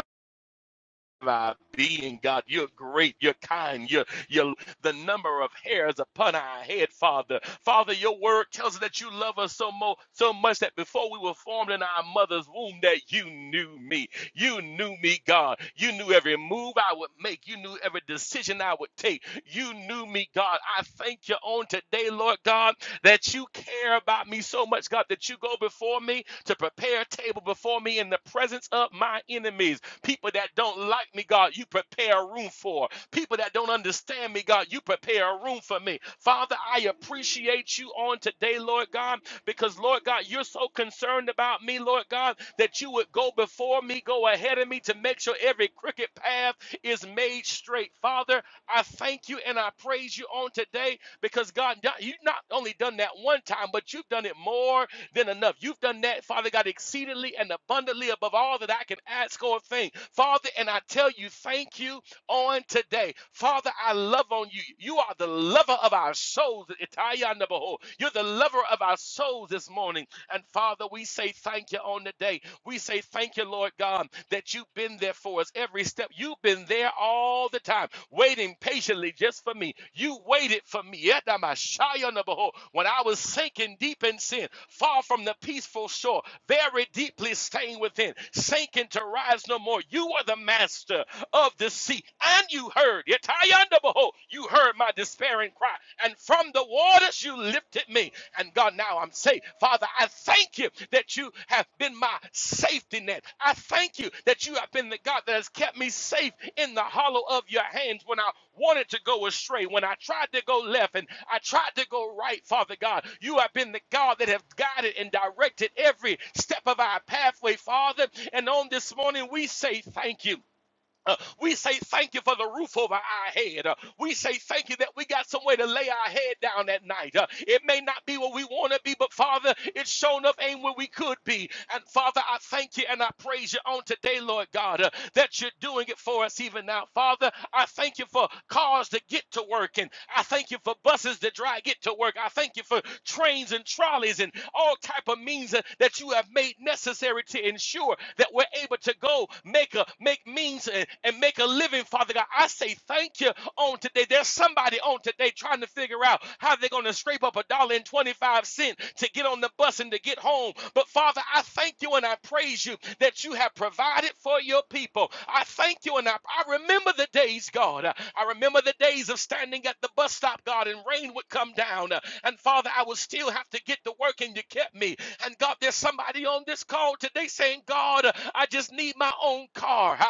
[SPEAKER 2] I be in God. You're great. You're kind. You're, you're the number of hairs upon our head, Father. Father, your word tells us that you love us so, mo- so much that before we were formed in our mother's womb, that you knew me. You knew me, God. You knew every move I would make. You knew every decision I would take. You knew me, God. I thank you on today, Lord God, that you care about me so much, God, that you go before me to prepare a table before me in the presence of my enemies. People that don't like me, God, you prepare a room for. People that don't understand me, God, you prepare a room for me. Father, I appreciate you on today, Lord God, because, Lord God, you're so concerned about me, Lord God, that you would go before me, go ahead of me to make sure every crooked path is made straight. Father, I thank you and I praise you on today because, God, you've not only done that one time, but you've done it more than enough. You've done that, Father God, exceedingly and abundantly above all that I can ask or think. Father, and I tell you, thank you on today. Father, I love on you. You are the lover of our souls. Itaya Nabaho. You're the lover of our souls this morning. And Father, we say thank you on the day. We say thank you, Lord God, that you've been there for us every step. You've been there all the time, waiting patiently just for me. You waited for me. Yet I'm a shy on the behold. When I was sinking deep in sin, far from the peaceful shore, very deeply staying within, sinking to rise no more. You are the master of the sea, and you heard. Yet I on the behold. You heard my despairing cry, and from the waters you lifted me. And God, now I'm safe. Father, I thank you that you have been my safety net. I thank you that you have been the God that has kept me safe in the hollow of your hands when I wanted to go astray, when I tried to go left and I tried to go right, Father God. You have been the God that have guided and directed every step of our pathway, Father. And on this morning, we say thank you. Uh, we say thank you for the roof over our head. Uh, we say thank you that we got some way to lay our head down at night. Uh, it may not be what we want to be, but Father, it's shown up ain't where we could be. And Father, I thank you and I praise you on today, Lord God, uh, that you're doing it for us even now. Father, I thank you for cars to get to work, and I thank you for buses to drive get to work. I thank you for trains and trolleys and all type of means that that you have made necessary to ensure that we're able to go make a make means and, and make a living, Father God. I say thank you on today. There's somebody on today trying to figure out how they're going to scrape up a dollar and 25 cents to get on the bus and to get home. But Father, I thank you and I praise you that you have provided for your people. I thank you and I, I remember the days, God. I remember the days of standing at the bus stop, God, and rain would come down. And Father, I would still have to get to work and you kept me. And God, there's somebody on this call today saying, God, I just need my own car. I,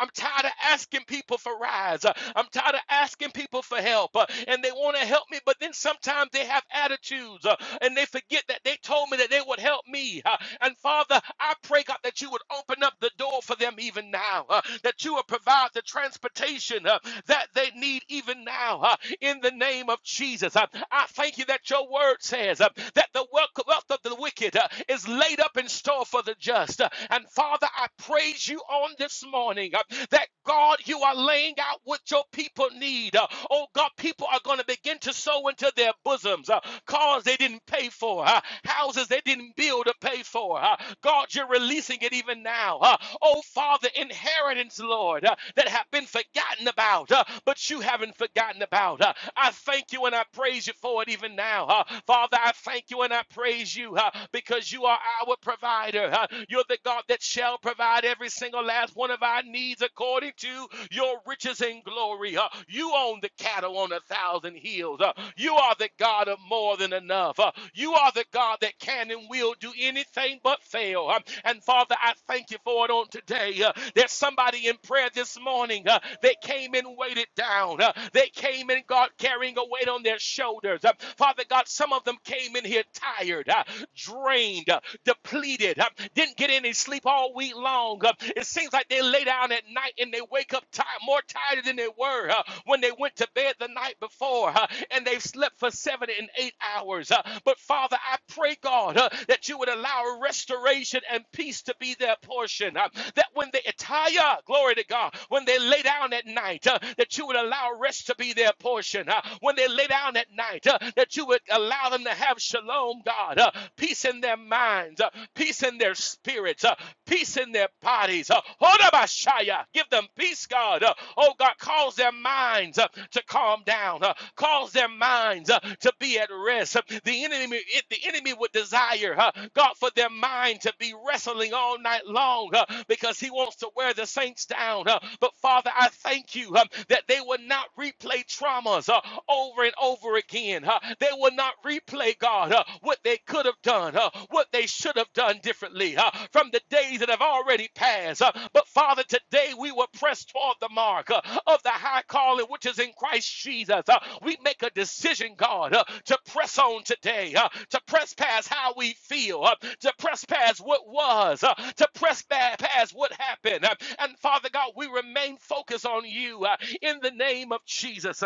[SPEAKER 2] am tired of asking people for rides. Uh, I'm tired of asking people for help. uh, And they want to help me, but then sometimes they have attitudes uh, and they forget that they told me that they would help me. Uh, And Father, I pray, God, that you would open up the door for them even now, uh, that you would provide the transportation uh, that they need even now uh, in the name of Jesus. Uh, I thank you that your word says uh, that the the wealth of the wicked uh, is laid up in store for the just. Uh, and Father, I praise you on this morning uh, that God, you are laying out what your people need. Uh, oh God, people are going to begin to sow into their bosoms uh, cars they didn't pay for, uh, houses they didn't build, or pay for. Uh, God, you're releasing it even now. Uh, oh, Father, inheritance, Lord, uh, that have been forgotten about, uh, but you haven't forgotten about. Uh, I thank you and I praise you for it even now. Uh, Father, I thank you and I praise you uh, because you are our provider. Uh, you're the God that shall provide every single last one of our needs according to your riches and glory. Uh, you own the cattle on a thousand hills. Uh, you are are the God of more than enough. Uh, You are the God that can and will do anything but fail. Um, And Father, I thank you for it on today. Uh, There's somebody in prayer this morning uh, that came and weighted down. Uh, They came and God carrying a weight on their shoulders. Uh, Father God, some of them came in here tired, uh, drained, uh, depleted, uh, didn't get any sleep all week long. Uh, It seems like they lay down at night and they wake up ti- more tired tired than they were uh, when they went to bed the night before, uh, and they've slept for seven and eight hours. Uh, but Father, I pray, God, uh, that you would allow restoration and peace to be their portion. uh, that when they attire, glory to God, when they lay down at night, uh, that you would allow rest to be their portion. uh, when they lay down at night, uh, that you would allow them to have shalom, God, uh, peace in their minds, uh, peace in their spirits, uh, peace in their bodies. Uh, Hodabashaya. Give them peace, God. Uh, Oh, God, cause their minds uh, to calm down. uh, Cause their minds uh, to be at rest. Uh, The enemy, the enemy would desire, uh, God, for their mind to be wrestling all night long uh, because he wants to wear the saints down. uh, But Father, I thank you um, that they will not replay traumas uh, over and over again. uh, They will not replay, God, uh, uh, what they could have done, uh, what they should have done differently uh, from the days that have already passed. uh, but Father, today we were pressed toward the mark uh, of the high calling which is in Christ Jesus. Uh, we make a decision, God, uh, to press on today, uh, to press past how we feel, uh, to press past what was, uh, to press past what happened. Uh, and Father God, we remain focused on you uh, in the name of Jesus.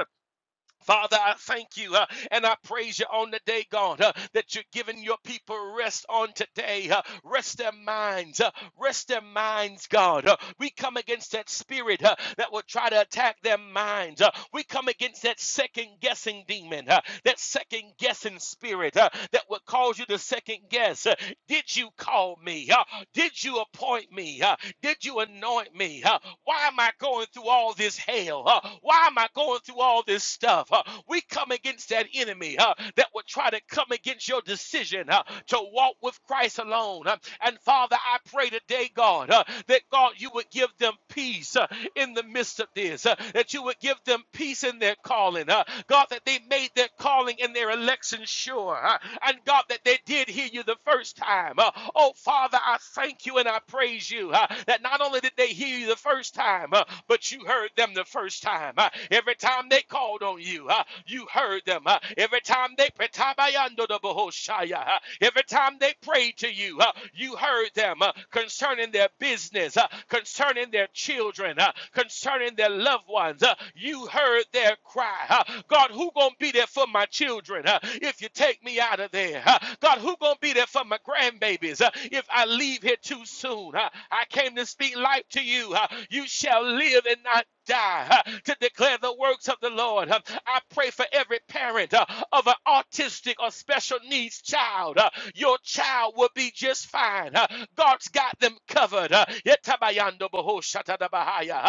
[SPEAKER 2] Father, I thank you uh, and I praise you on the day, God, uh, that you're giving your people rest on today. uh, rest their minds. uh, rest their minds, God. Uh, we come against that spirit uh, that will try to attack their minds. Uh, we come against that second guessing demon, uh, that second guessing spirit uh, that will cause you to second guess. uh, did you call me? Uh, did you appoint me? Uh, did you anoint me? Uh, why am I going through all this hell? Uh, why am I going through all this stuff? Uh, we come against that enemy uh, that would try to come against your decision uh, to walk with Christ alone. Uh, and Father, I pray today, God, uh, that God, you would give them peace uh, in the midst of this, uh, that you would give them peace in their calling. Uh, God, that they made their calling and their election sure. uh, and God, that they did hear you the first time. Uh, oh, Father, I thank you and I praise you. Uh, <laughs> uh, that not only did they hear you the first time, uh, but you heard them the first time. Uh, every time they called on you, uh, you heard them. Uh, every time they uh, every time they prayed to you, uh, you heard them uh, concerning their business, uh, concerning their children, uh, concerning their loved ones. uh, you heard their cry. uh, God, who gonna be there for my children uh, if you take me out of there? uh, God, who gonna be there for my grandbabies uh, if I leave here too soon? uh, I came to speak life to you. Uh, You shall live and not die uh, to declare the works of the Lord. Um, I pray for every parent uh, of an autistic or special needs child. Uh, Your child will be just fine. Uh, God's got them covered. Uh,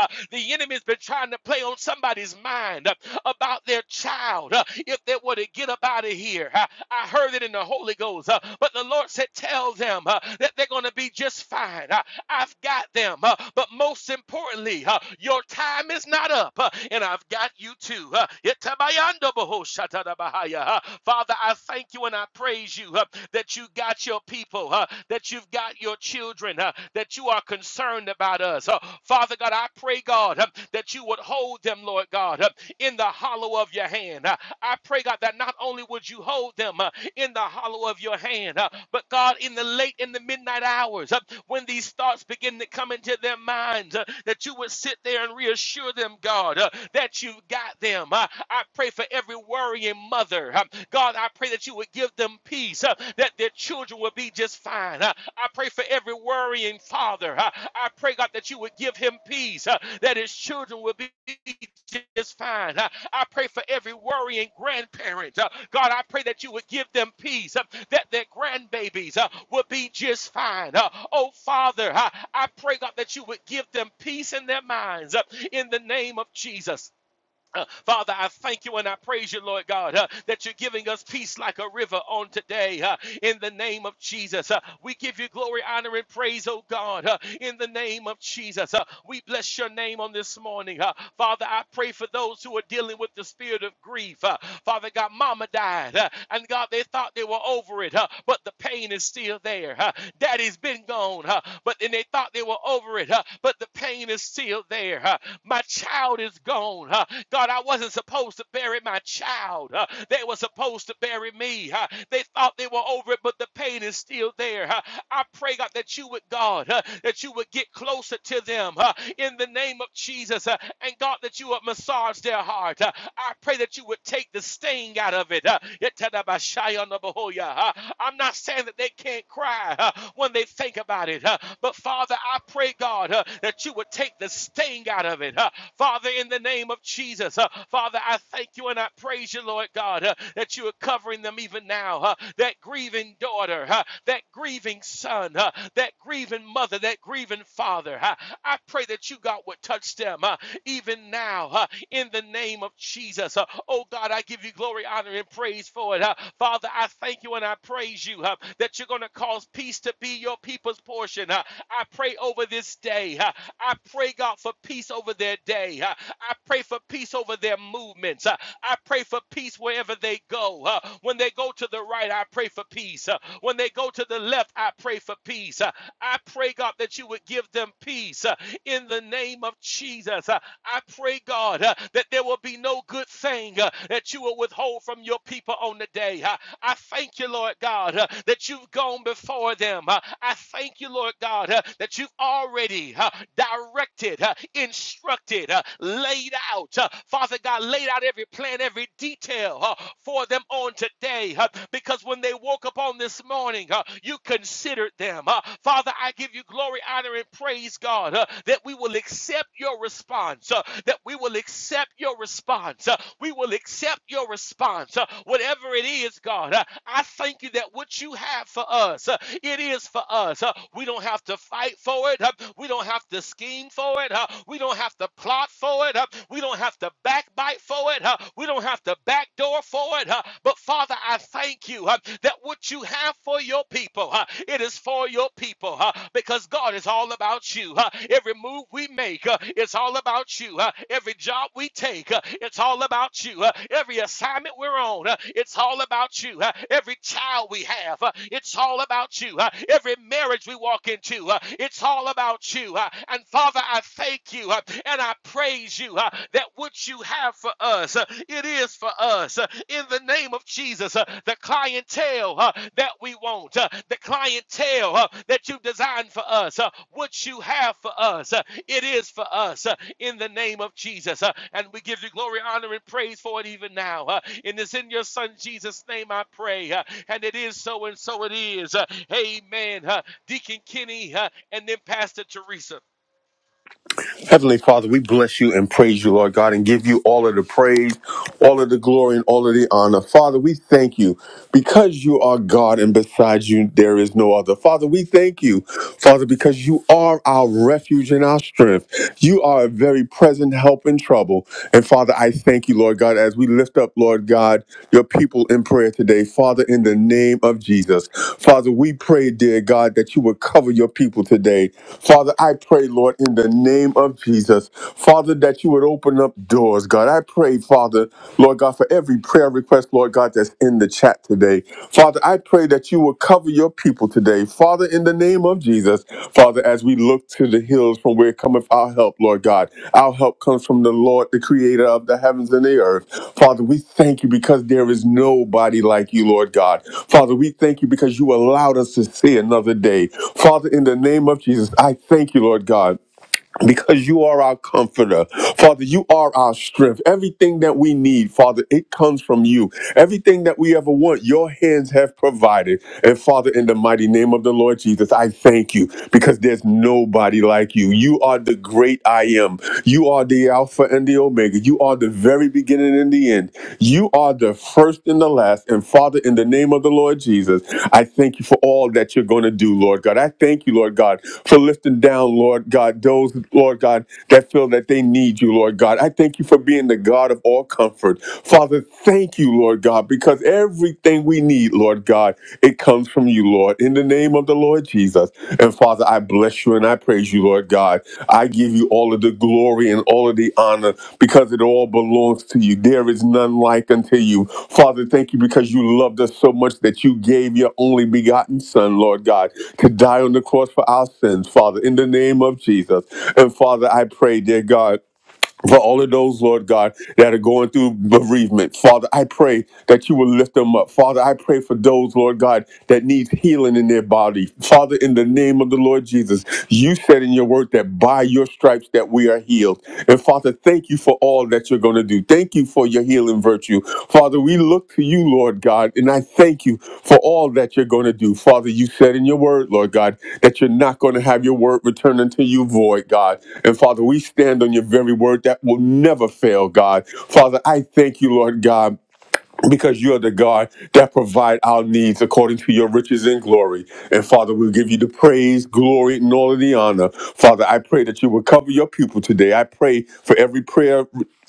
[SPEAKER 2] Uh, The enemy's been trying to play on somebody's mind uh, about their child. Uh, If they were to get up out of here, uh, I heard it in the Holy Ghost. uh, But the Lord said, Tell them uh, that they're going to be just fine. Uh, I've got them. Uh, but most importantly, uh, your time is not up, uh, and I've got you too. Uh, Uh, Father, I thank you and I praise you uh, that you got your people, uh, that you've got your children, uh, that you are concerned about us. Uh, Father God, I pray, God, uh, that you would hold them, Lord God, uh, in the hollow of your of your hand. Uh, I pray, God, that not only would you hold them uh, in the hollow of your hand, uh, but God, in the late in the midnight hours, uh, when these thoughts begin to come into their minds, uh, that you would sit there and reassure them, God, uh, that you've got them. Uh, I pray for every worrying mother. Uh, God, I pray that you would give them peace, uh, that their children will be just fine. Uh, I pray for every worrying father. I, I pray, God, that you would give him peace, uh, that his children will be just fine. I, I pray for every worrying grandparent. Uh, God, I pray that you would give them peace, uh, that their grandbabies uh, will be just fine. Uh, oh, Father, I, I pray, God, that you would give them peace in their minds uh, in the name of Jesus. Uh, Father, I thank you and I praise you, Lord God, uh, that you're giving us peace like a river on today. uh, in the name of Jesus, Uh, we give you glory, honor, and praise, oh God. uh, in the name of Jesus, Uh, we bless your name on this morning. uh, Father, I pray for those who are dealing with the spirit of grief. uh, Father God, mama died, uh, and God, they thought they were over it, uh, but the pain is still there. uh, Daddy's been gone, uh, but then they thought they were over it, uh, but the pain is still there. uh, my child is gone alone. huh? God, I wasn't supposed to bury my child. huh? They were supposed to bury me. huh? They thought they were over it, but the pain is still there. huh? I pray, God, that you would, God, huh, that you would get closer to them huh, in the name of Jesus. huh, And God, that you would massage their heart. huh? I pray that you would take the sting out of it. huh? huh? I'm not saying that they can't cry huh, when they think about it, huh, but Father, I pray, God, huh, that you would take the sting out of it. huh? Father, in the name of Jesus. Uh, Father, I thank you and I praise you, Lord God, uh, that you are covering them even now. uh, that grieving daughter, uh, that grieving son, uh, that grieving mother, that grieving father. uh, I pray that you, God, would touch them uh, even now uh, in the name of Jesus. Uh, oh, God, I give you glory, honor, and praise for it. Uh, Father, I thank you and I praise you uh, that you're going to cause peace to be your people's portion. Uh, I pray over this day. Uh, I pray, God, for peace over their day today. Uh, I pray for peace over their movements. Uh, I pray for peace wherever they go. Uh, When they go to the right, I pray for peace. Uh, When they go to the left, I pray for peace. Uh, I pray, God, that you would give them peace uh, in the name of Jesus. Uh, I pray, God, uh, that there will be no good thing uh, that you will withhold from your people on the day. Uh, I thank you, Lord God, uh, that you've gone before them. Uh, I thank you, Lord God, uh, that you've already uh, directed, uh, instructed, instructed, uh, laid out. Uh, Father God, laid out every plan, every detail uh, for them on today. uh, because when they woke up on this morning, uh, you considered them. Uh, Father, I give you glory, honor, and praise, God, uh, that we will accept your response, uh, that we will accept your response. uh, we will accept your response. uh, whatever it is, God, uh, I thank you that what you have for us, uh, it is for us. uh, we don't have to fight for it. uh, we don't have to scheme for it it. Uh, we don't have to plot for it. Uh, we don't have to backbite for it. Uh, we don't have to backdoor for it. Uh, but Father, I thank you uh, that what you have for your people, uh, it is for your people uh, because God is all about you. Uh, every move we make, uh, it's all about you. Uh, every job we take, uh, it's all about you. Uh, every assignment we're on, uh, it's all about you. Uh, every child we have, uh, it's all about you. Uh, every marriage we walk into, uh, it's all about you. Uh, and Father, Father, I thank you uh, and I praise you uh, that what you have for us, uh, it is for us. uh, In the name of Jesus, uh, the clientele uh, that we want, uh, the clientele uh, that you designed for us, uh, what you have for us, uh, it is for us. uh, In the name of Jesus, Uh, and we give you glory, honor, and praise for it even now. uh, And it's in your Son Jesus' name I pray, uh, and it is so, and so it is. Uh, Amen. Uh, Deacon Kenny uh, and then Pastor Teresa.
[SPEAKER 1] Heavenly Father, we bless you and praise you, Lord God, and give you all of the praise, all of the glory, and all of the honor. Father, we thank you because you are God and besides you there is no other. Father, we thank you, Father, because you are our refuge and our strength. You are a very present help in trouble. And Father, I thank you, Lord God, as we lift up, Lord God, your people in prayer today. Father, in the name of Jesus, Father, we pray, dear God, that you would cover your people today. Father, I pray, Lord, in the name of Jesus. Father, that you would open up doors, God. I pray, Father, Lord God, for every prayer request, Lord God, that's in the chat today. Father, I pray that you will cover your people today. Father, in the name of Jesus, Father, as we look to the hills from where cometh our help, Lord God, our help comes from the Lord, the creator of the heavens and the earth. Father, we thank you because there is nobody like you, Lord God. Father, we thank you because you allowed us to see another day. Father, in the name of Jesus, I thank you, Lord God because you are our comforter. Father, you are our strength. Everything that we need, Father, it comes from you. Everything that we ever want, your hands have provided. And Father, in the mighty name of the Lord Jesus, I thank you because there's nobody like you. You are the great I am. You are the Alpha and the Omega. You are the very beginning and the end. You you are the first and the last. And Father, in the name of the Lord Jesus, I thank you for all that you're going to do, Lord God. I thank you, Lord God, for lifting down, Lord God, those, Lord God, that feel that they need you, Lord God. I thank you for being the God of all comfort. Father, thank you, Lord God, because everything we need, Lord God, it comes from you, Lord. In the name of the the Lord Jesus. And Father, I bless you and I praise you, Lord God. I give you all of the glory and all of the honor because it all belongs to you. There is none like unto you. Father, thank you because you loved us so much that you gave your only begotten Son, Lord God, to die on the cross for our sins, Father, in the name of Jesus. And Father, I pray, dear God for all of those, Lord God, that are going through bereavement. Father, I pray that you will lift them up. Father, I pray for those, Lord God, that needs healing in their body. Father, in the name of the Lord Jesus, you said in your word that by your stripes that we are healed. And Father, thank you for all that you're going to do you. Thank you for your healing virtue. Father, we look to you, Lord God, and I thank you for all that you're going to do. Father, you said in your word, Lord God, that you're not going to have your word return unto you void, God. And Father, we stand on your very word that will never fail, God. Father, I thank you, Lord God because you are the God that provide our needs according to your riches and glory. And Father, we give you the praise, glory, and all of the honor. Father, I pray that you will cover your people today. I pray for every prayer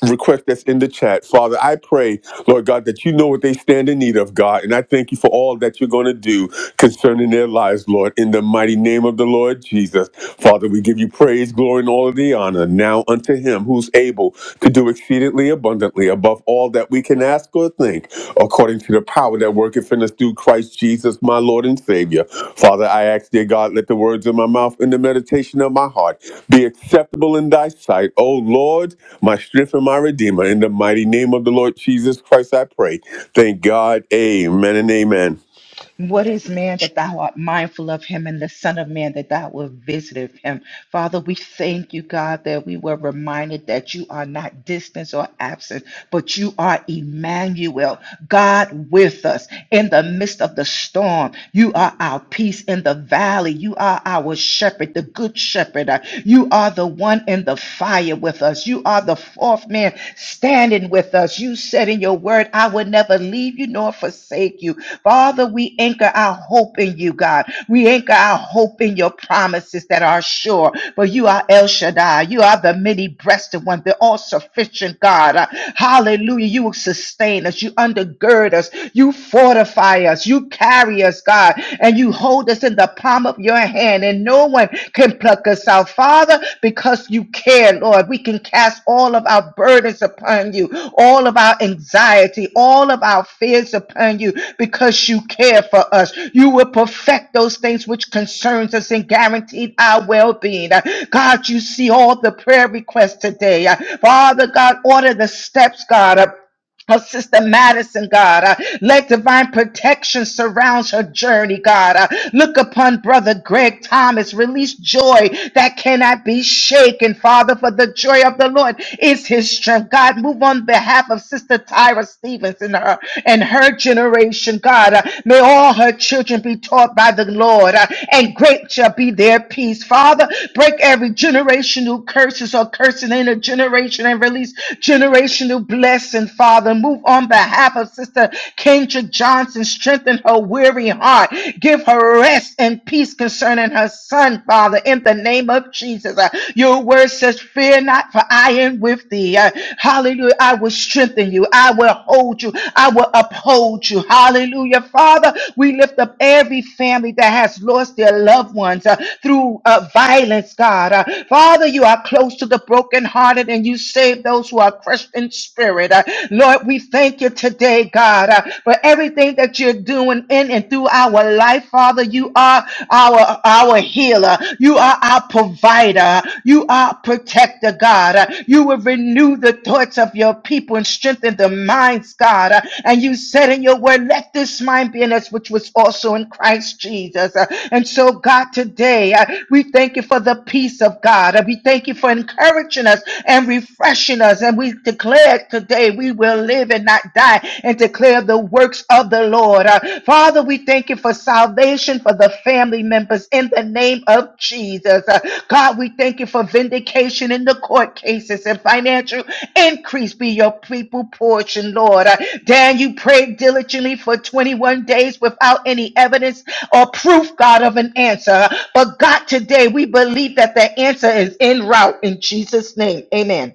[SPEAKER 1] request that's in the chat. Father, I pray, Lord God, that you know what they stand in need of, God. And I thank you for all that you're going to do concerning their lives, Lord, in the mighty name of the Lord Jesus. Father, we give you praise, glory, and all of the honor now unto him who's able to do exceedingly abundantly above all that we can ask or think according to the power that worketh in us through Christ Jesus, my Lord and Savior. Father, I ask, dear God, let the words of my mouth and the meditation of my heart be acceptable in thy sight. O Lord, my strength and my redeemer. In the mighty name of the Lord Jesus Christ, I pray. Thank God. Amen and amen.
[SPEAKER 6] What is man that thou art mindful of him, and the Son of Man that thou wilt visit of him? Father, we thank you, God, that we were reminded that you are not distant or absent, but you are Emmanuel, God with us in the midst of the storm. You are our peace in the valley. You are our shepherd, the good shepherd. You are the one in the fire with us. You are the fourth man standing with us. You said in your word, I will never leave you nor forsake you. Father, we anchor our hope in you, God. We anchor our hope in your promises that are sure. For you are El Shaddai. You are the many breasted one, the all sufficient God. Uh, Hallelujah. You will sustain us. You undergird us. You fortify us. You carry us, God. And you hold us in the palm of your hand. And no one can pluck us out out, Father, because you care, Lord. We can cast all of our burdens upon you, all of our anxiety, all of our fears upon you, because you care for us. You will perfect those things which concerns us and guaranteed our well-being. Uh, God, you see all the prayer requests today. Uh, Father God, order the steps, God. uh, her Sister Madison, God, uh, let divine protection surround her journey, God. Uh, look upon Brother Greg Thomas, release joy that cannot be shaken, Father, for the joy of the Lord is his strength. God, move on behalf of Sister Tyra Stevens and her and her generation, God. Uh, may all her children be taught by the Lord, uh, and great shall be their peace, Father. Break every generational curse curses or cursing in a generation and release generational blessing, Father. Move on behalf of Sister Kendra Johnson. Strengthen her weary heart. Give her rest and peace concerning her son, Father, in the name of Jesus. Uh, your word says, Fear not, for I am with thee. Uh, hallelujah. I will strengthen you. I will hold you. I will uphold you. Hallelujah. Father, we lift up every family that has lost their their loved ones uh, through uh, violence, God. Uh, Father, you are close to the brokenhearted and you save those who are crushed in spirit. Uh, Lord, we thank you today, God, uh, for everything that you're doing in and through our life. Father, you are our, our healer. You are our provider. You are protector, God. Uh, You will renew the thoughts of your people and strengthen the minds, God. Uh, And you said in your word. Let this mind be in us, which was also in Christ Jesus. Uh, And so, God, today uh, we thank you for the peace of God. Uh, We thank you for encouraging us and refreshing us. And we declare today we will live and not die and declare the works of the Lord. Uh, Father, we thank you for salvation for the family members in the name of Jesus. Uh, God, we thank you for vindication in the court cases and financial Increase be your people portion, Lord. Uh, Dan, you prayed diligently for 21 days without any evidence or proof, God, of an answer. But God, today we believe that the answer is en route in Jesus' name. Amen.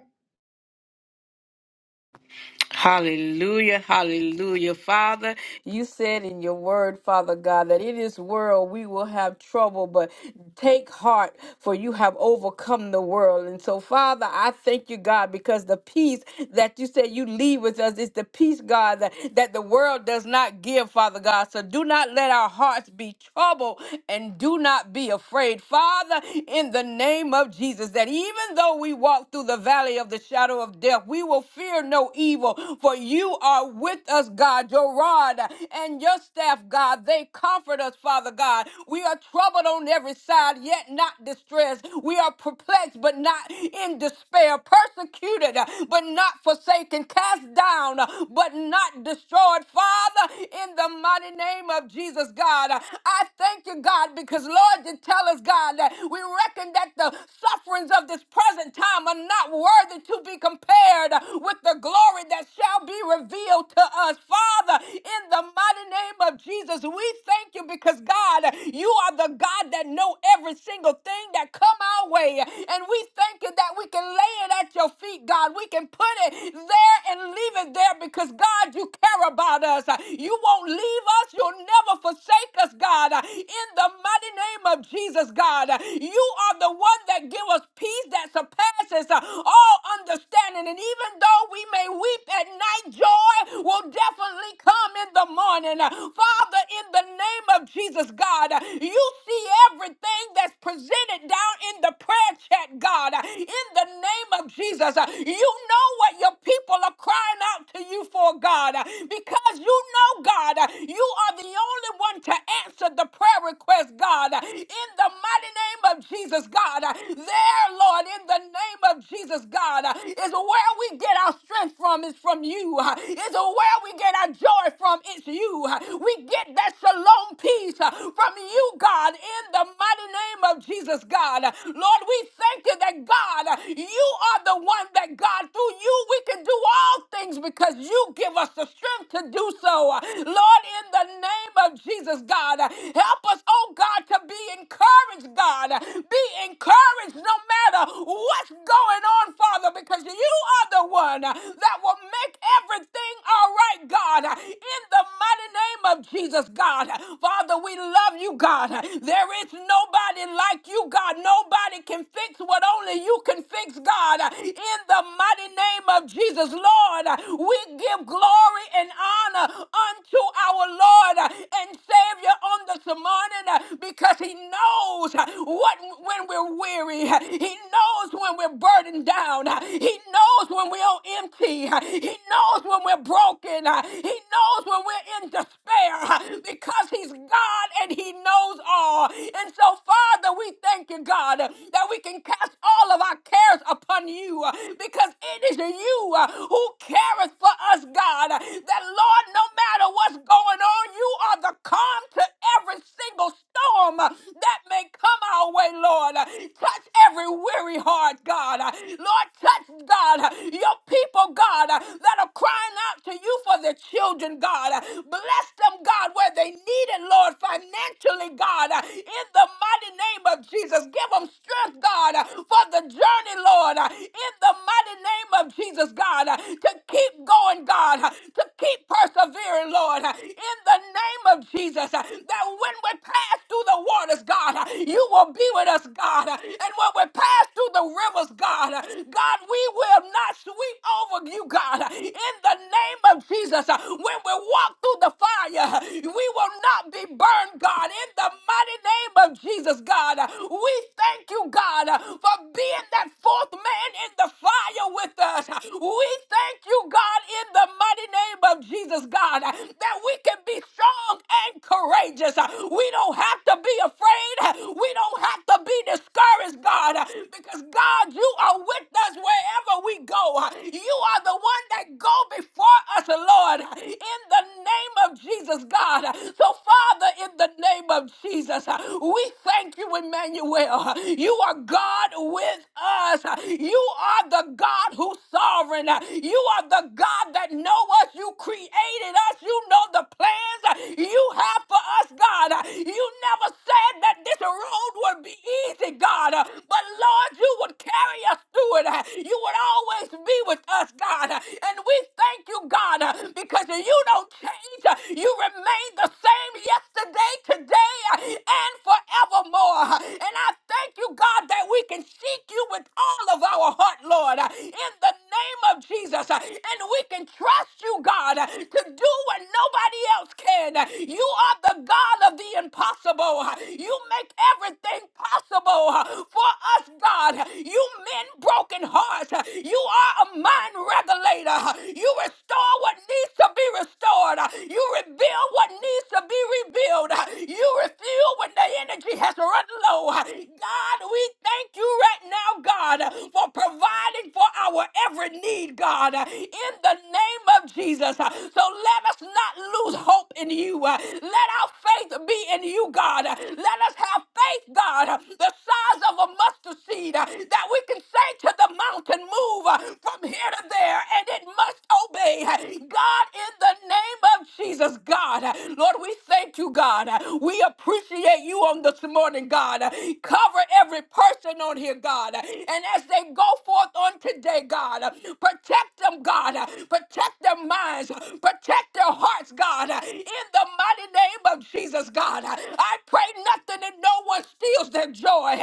[SPEAKER 4] Hallelujah, hallelujah. Father, you said in your word, Father God, that in this world we will have trouble, but take heart, for you have overcome the world. And so, Father, I thank you, God, because the peace that you said you leave with us is the peace, God, that, that the world does not give, Father God. So do not let our hearts be troubled and do not be afraid. Father, in the name of Jesus, that even though we walk through the valley of the shadow of death, we will fear no evil evil. For you are with us, God, your rod and your staff, God. They comfort us, Father God. We are troubled on every side, yet not distressed. We are perplexed, but not in despair. Persecuted, but not forsaken. Cast down, but not destroyed. Father, in the mighty name of Jesus, God, I thank you, God, because Lord, you tell us, God, that we reckon that the sufferings of this present time are not worthy to be compared with the glory glory that shall be revealed to us. Father, in the mighty name of Jesus, we thank you because God, you are the God that know every single thing that come our way. And we thank you that we can lay it at your feet, God. We can put it there and leave it there because God, you care about us. You won't leave us. You'll never forsake us, God. In the mighty name of Jesus, God, you are the one that give us peace that surpasses all understanding. And even though we may weep at night, joy will definitely come in the morning. Father, in the name of Jesus, God, you see everything that's presented down in the prayer chat, God. In the name of Jesus, you know what your people are crying out to you for, God, because you know, God, you are the only one to answer the prayer request, God. In the mighty name of Jesus, God, there, Lord, in the name of Jesus, God, is where we get our strength from from is from you. <laughs> uh, It's where we get our joy from. It's you. <laughs> uh, We get that shalom peace uh, from you, God, in the mighty name of Jesus, God. Uh, Lord, we thank you that God, uh, you are the one that God, through you, we can do all things because you give us the strength to do so. Uh, Lord, in the name of Jesus, God, uh, help us, oh God, to be encouraged, God. Uh, Be encouraged no matter what's going on, Father, because you are the one that will make everything all right, God, in the mighty name of Jesus, God. Father, we love you, God. There is nobody like you, God. Nobody can fix what only you can fix, God. In the mighty name of Jesus, Lord, we give glory and honor unto our Lord and Savior on this morning because He knows what when we're weary, He knows when we're burdened down, He knows when we're on empty <laughs> empty. He knows when we're broken. uh, He knows when we're in despair uh, because He's God and He knows all. And so, Father, we thank you, God, that we can cast all of our cares upon you uh, because it is you uh, who careth for us, God. That, Lord, no matter what's going on, you are the calm to every single storm uh, that may come our way, Lord. Touch every weary heart, God. Lord, touch, God, your people people, God, uh, that are crying out to you for their children, God. Uh, Bless them, God, where they need it, Lord, financially, God, uh, in the mighty name of Jesus. Give them strength, God, uh, for the journey, Lord, uh, in the mighty name of Jesus, God, uh, to keep going, God, uh, to keep persevering, Lord, uh, in the name of Jesus, uh, that when we pass through the waters, God, uh, you will be with us, God, uh, and when we pass through the rivers, God, uh, God, we will not sweep over you, God. In the name of Jesus, uh, when we walk through the fire, uh, we will not be burned, God. In the mighty name of Jesus, God, uh, we thank you, God, uh, for being that fourth man in the fire with us. We thank you, God, in the mighty name of Jesus, God, uh, that we can be strong and courageous. Uh, We don't have to be afraid. Uh, We don't have to be discouraged, God, uh, because God, you are with us wherever we go. Uh, you are the one that go before us, Lord, in the name of Jesus, God. So, Father, in the name of Jesus, we thank you, Emmanuel. You are God with us. You are the God who's sovereign. You are the God that know us. You created us. You know the plans you have for us, God. You never said that this road would be easy, God. But Lord, you would carry us through it. You would always be with with us, God. And we thank you, God, because you don't change. You remain the same yesterday, today, and forevermore. And I thank you, God, that we can seek you with all of our heart, Lord, in the name of Jesus. And we can trust you, God, to do what nobody else can. You are the God of the impossible. You make everything possible for us, God. You mend broken hearts. You you are a mind regulator. You restore what needs to be restored. You rebuild what needs to be rebuilt. You refuel when the energy has run low. God, we thank you right now, God, for providing for our every need, God, in the name of Jesus. So let us not lose hope in you. Let our faith be in you, God. Let us have faith, God, the size of a mustard seed that we can say to the mountain, Move move uh, from here to there and it must obey. God, in the name of Jesus, God, uh, Lord, we thank you, God. Uh, We appreciate you on this morning, God. Uh, Cover every person on here, God. Uh, And as they go forth on today, God, uh, protect them, God. Uh, Protect their minds, uh, protect their hearts, God. Uh, In the mighty name of Jesus, God, Uh, I pray nothing and no one steals their joy,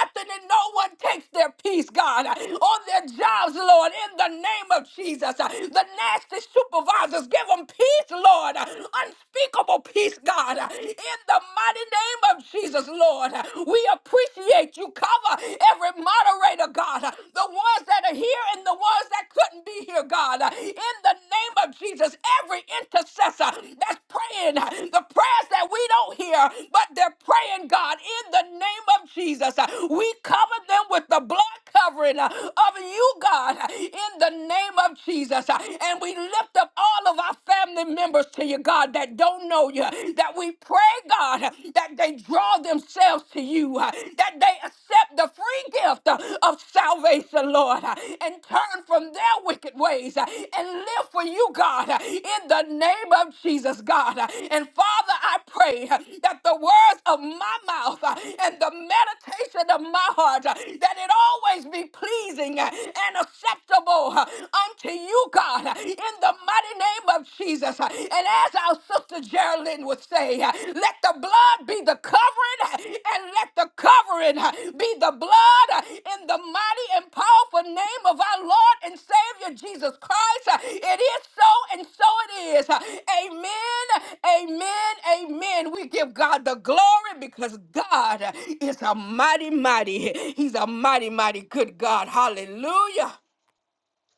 [SPEAKER 4] nothing and no one takes their peace, God. Uh, On their jobs, jobs, Lord, in the name of Jesus. Uh, The nasty supervisors, give them peace, Lord. Uh, Unspeakable peace, God. Uh, In the mighty name of Jesus, Lord. Uh, We appreciate you. Cover every moderator, God. Uh, The ones that are here and the ones that couldn't be here, God. Uh, In the name of Jesus, every intercessor that's praying, uh, the prayers that we don't hear, but they're praying, God, in the name of Jesus. Uh, We cover them with the blood covering uh, of you, God. God, in the name of Jesus. And we lift up all of our family members to you, God, that don't know you, that we pray, God, that they draw themselves to you, that they accept the free gift of salvation, Lord, and turn from their wicked ways and live for you, God, in the name of Jesus, God. And Father, I pray that the words of my mouth and the meditation of my heart, that it always be pleasing and and acceptable uh, unto you, God, uh, in the mighty name of Jesus. Uh, And as our sister Geraldine would say, uh, let the blood be the covering uh, and let the covering uh, be the blood uh, in the mighty and powerful name of our Lord and Savior Jesus Christ. Uh, It is so and so it is. Uh, Amen, amen, amen. We give God the glory because God is a mighty, mighty, He's a mighty, mighty good God. Hallelujah.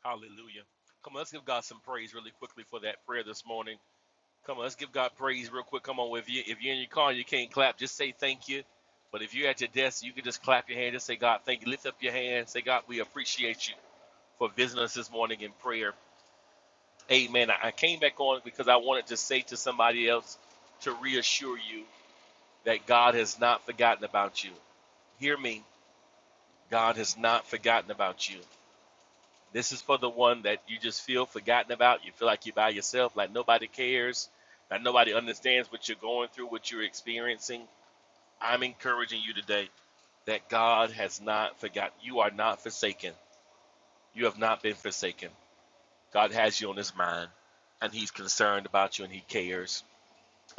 [SPEAKER 2] Hallelujah. Come on, let's give God some praise really quickly for that prayer this morning. Come on, let's give God praise real quick. Come on, if you if you're in your car and you can't clap, just say thank you. But if you're at your desk, you can just clap your hand. Just say God, thank you. Lift up your hand. Say God, we appreciate you for visiting us this morning in prayer. Amen. I I came back on because I wanted to say to somebody else to reassure you that God has not forgotten about you. Hear me. God has not forgotten about you. This is for the one that you just feel forgotten about. You feel like you're by yourself, like nobody cares, like nobody understands what you're going through, what you're experiencing. I'm encouraging you today that God has not forgotten. You are not forsaken. You have not been forsaken. God has you on his mind, and he's concerned about you and he cares.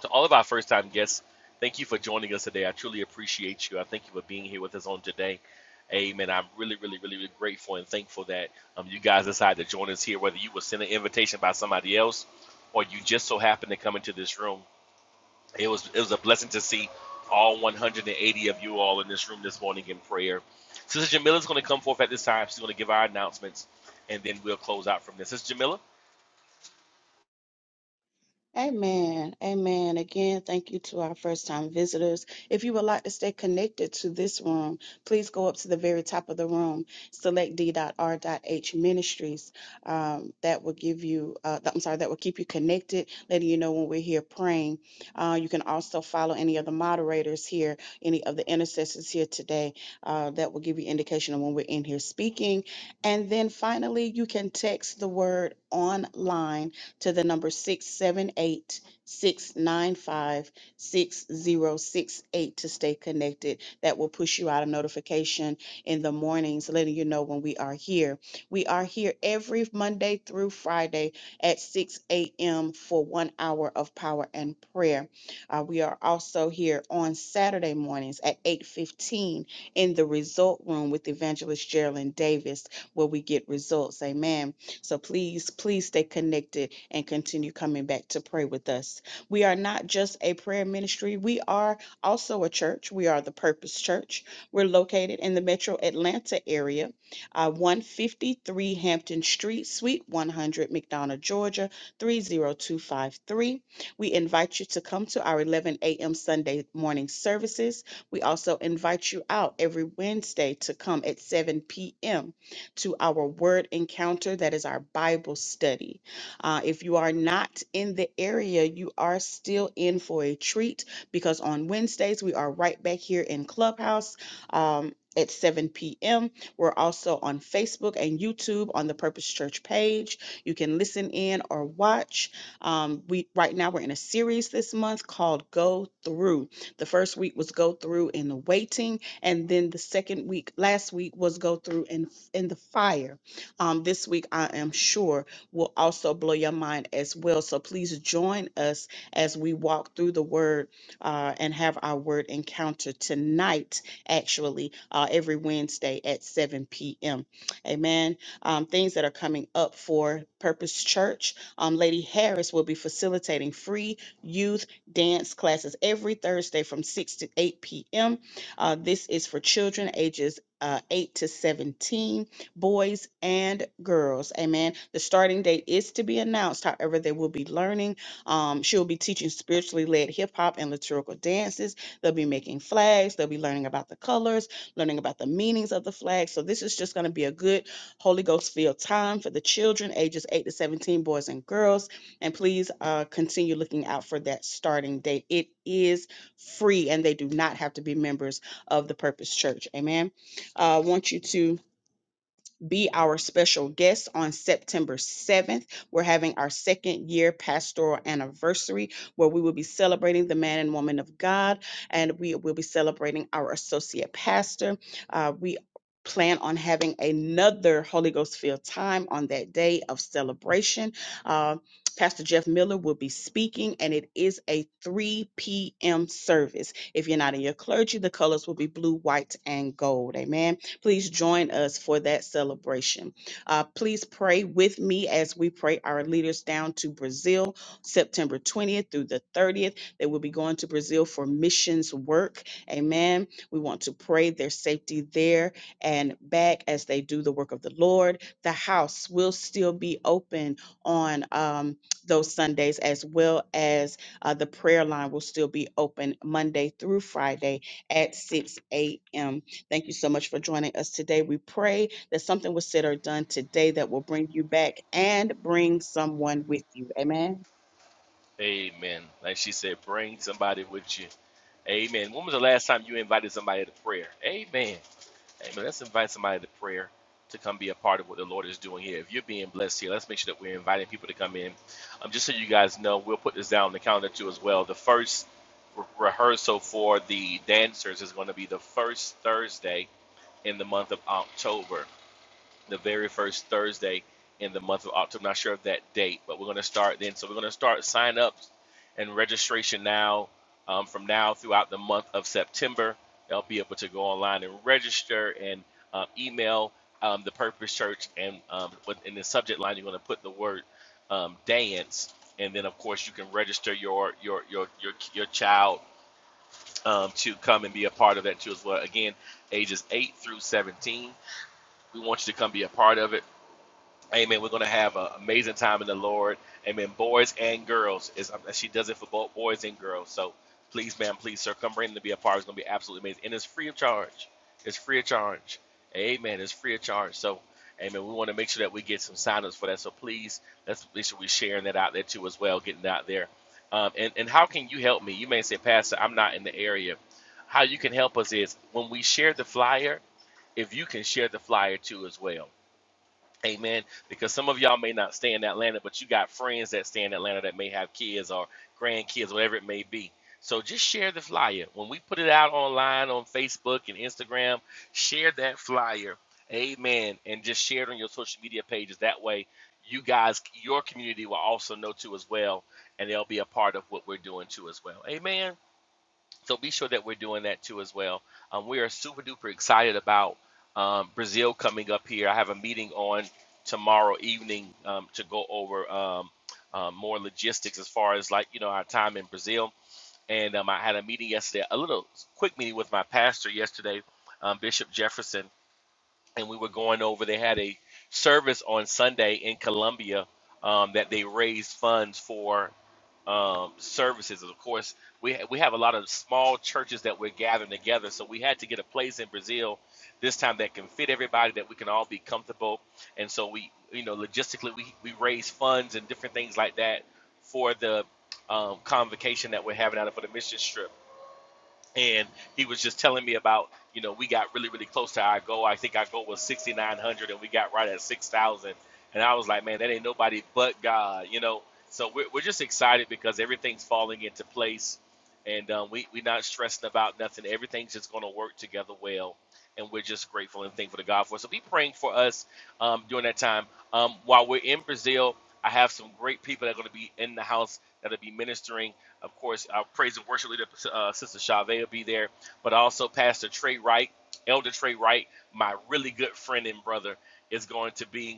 [SPEAKER 2] To all of our first time guests, thank you for joining us today. I truly appreciate you. I thank you for being here with us on today. Amen. I'm really, really, really, really grateful and thankful that um, you guys decided to join us here, whether you were sent an invitation by somebody else or you just so happened to come into this room. It was it was a blessing to see all 180 of you all in this room this morning in prayer. Sister Jamila is going to come forth at this time. She's going to give our announcements, and then we'll close out from this. Sister Jamila,
[SPEAKER 3] Amen. Amen. Again, thank you to our first time visitors. If you would like to stay connected to this room, please go up to the very top of the room, select d.r.h ministries. Um, that will give you, uh, that- I'm sorry, that will keep you connected, letting you know when we're here praying. Uh, you can also follow any of the moderators here, any of the intercessors here today. Uh, that will give you indication of when we're in here speaking. And then finally, you can text the word online to the number 678 695 6068 to stay connected. That will push you out a notification in the mornings, letting you know when we are here. We are here every Monday through Friday at 6 a.m. for one hour of power and prayer. Uh, we are also here on Saturday mornings at 8:15 in the Result Room with Evangelist Geraldine Davis, where we get results. Amen. So please, please stay connected and continue coming back to pray with us. We are not just a prayer ministry, we are also a church. We are the Purpose Church. We're located in the metro Atlanta area, uh, 153 Hampton Street, Suite 100, McDonough, Georgia, 30253. We invite you to come to our 11 a.m. Sunday morning services. We also invite you out every Wednesday to come at 7 p.m. to our word encounter, that is our Bible study. Uh, if you are not in the area, you are still in for a treat because on Wednesdays, we are right back here in Clubhouse. Um, at 7 p.m. We're also on Facebook and YouTube on the Purpose Church page. You can listen in or watch. Um, we right now we're in a series this month called Go Through. The first week was Go Through in the Waiting, and then the second week last week was Go Through in in the Fire. Um, this week I am sure will also blow your mind as well. So please join us as we walk through the word uh, and have our word encounter tonight, actually, uh, every Wednesday at 7 p.m. Amen. Um, things that are coming up for Purpose Church. Um, Lady Harris will be facilitating free youth dance classes every Thursday from 6 to 8 p.m. Uh, this is for children ages uh, 8 to 17 boys and girls. Amen. The starting date is to be announced. However, they will be learning. Um, she'll be teaching spiritually led hip hop and liturgical dances. They'll be making flags. They'll be learning about the colors, learning about the meanings of the flags. So this is just going to be a good Holy Ghost filled time for the children, ages 8 to 17, boys and girls. And please uh, continue looking out for that starting date. It is free, and they do not have to be members of the Purpose Church. Amen. I uh, want you to be our special guest on September 7th. We're having our second year pastoral anniversary where we will be celebrating the man and woman of God, and we will be celebrating our associate pastor. Uh, we plan on having another Holy Ghost filled time on that day of celebration. Uh, Pastor Jeff Miller will be speaking, and it is a 3 p.m. service. If you're not in your clergy, the colors will be blue, white, and gold. Amen. Please join us for that celebration. Uh, please pray with me as we pray our leaders down to Brazil, September 20th through the 30th. They will be going to Brazil for missions work. Amen. We want to pray their safety there and back as they do the work of the Lord. The house will still be open on um, those Sundays, as well as uh, the prayer line will still be open Monday through Friday at 6 a.m. Thank you so much for joining us today. We pray that something was said or done today that will bring you back and bring someone with you. Amen.
[SPEAKER 2] amen. Like she said, bring somebody with you. Amen. When was the last time you invited somebody to prayer? Amen. Amen. Let's invite somebody to prayer to come be a part of what the Lord is doing here. If you're being blessed here, let's make sure that we're inviting people to come in. Um, just so you guys know, we'll put this down on the calendar too as well. The first re- rehearsal for the dancers is going to be the first Thursday in the month of October the very first Thursday in the month of October. I'm Not sure of that date, but we're going to start then. So we're going to start sign ups and registration now um, from now throughout the month of September. They'll be able to go online and register and um, email um, the Purpose Church and um, in the subject line you're going to put the word um, dance, and then of course you can register your your your your your child um, to come and be a part of that too as well. Again, ages eight through seventeen. We want you to come be a part of it. Amen. We're going to have an amazing time in the Lord. Amen. Boys and girls. It's, um, she does it for both boys and girls. So please, ma'am, please, sir, come bring them to be a part. It's going to be absolutely amazing. And it's free of charge. It's free of charge. Amen. It's free of charge. So, amen. We want to make sure that we get some signups for that. So please, let's make sure we're sharing that out there too as well, getting it out there. Um, and, and how can you help me? You may say, Pastor, I'm not in the area. How you can help us is when we share the flyer, if you can share the flyer too as well Amen. Because some of y'all may not stay in Atlanta, but you got friends that stay in Atlanta that may have kids or grandkids, whatever it may be. So just share the flyer. When we put it out online on Facebook and Instagram, share that flyer. Amen. And just share it on your social media pages. That way, you guys, your community will also know too as well, and they'll be a part of what we're doing too as well. Amen. So be sure that we're doing that too as well. Um, we are super duper excited about um, Brazil coming up here. I have a meeting on tomorrow evening um, to go over um, um, more logistics as far as like you know our time in Brazil. And um, I had a meeting yesterday, a little quick meeting with my pastor yesterday, um, Bishop Jefferson and we were going over. They had a service on Sunday in Columbia um, that they raised funds for um, services. Of course, we we have a lot of small churches that we're gathering together, so we had to get a place in Brazil this time that can fit everybody, that we can all be comfortable. And so we, you know, logistically we we raise funds and different things like that for the um, convocation that we're having out of for the mission trip and he was just telling me about you know we got really really close to our goal i think our goal was 6900 and we got right at 6000 and i was like man that ain't nobody but god you know so we're, we're just excited because everything's falling into place and um, we, we're not stressing about nothing everything's just going to work together well and we're just grateful and thankful to god for it so be praying for us um, during that time um, while we're in brazil i have some great people that are going to be in the house that'll be ministering of course, our praise and worship leader, uh, Sister Chavez, will be there, but also Pastor Trey Wright, Elder Trey Wright, my really good friend and brother, is going to be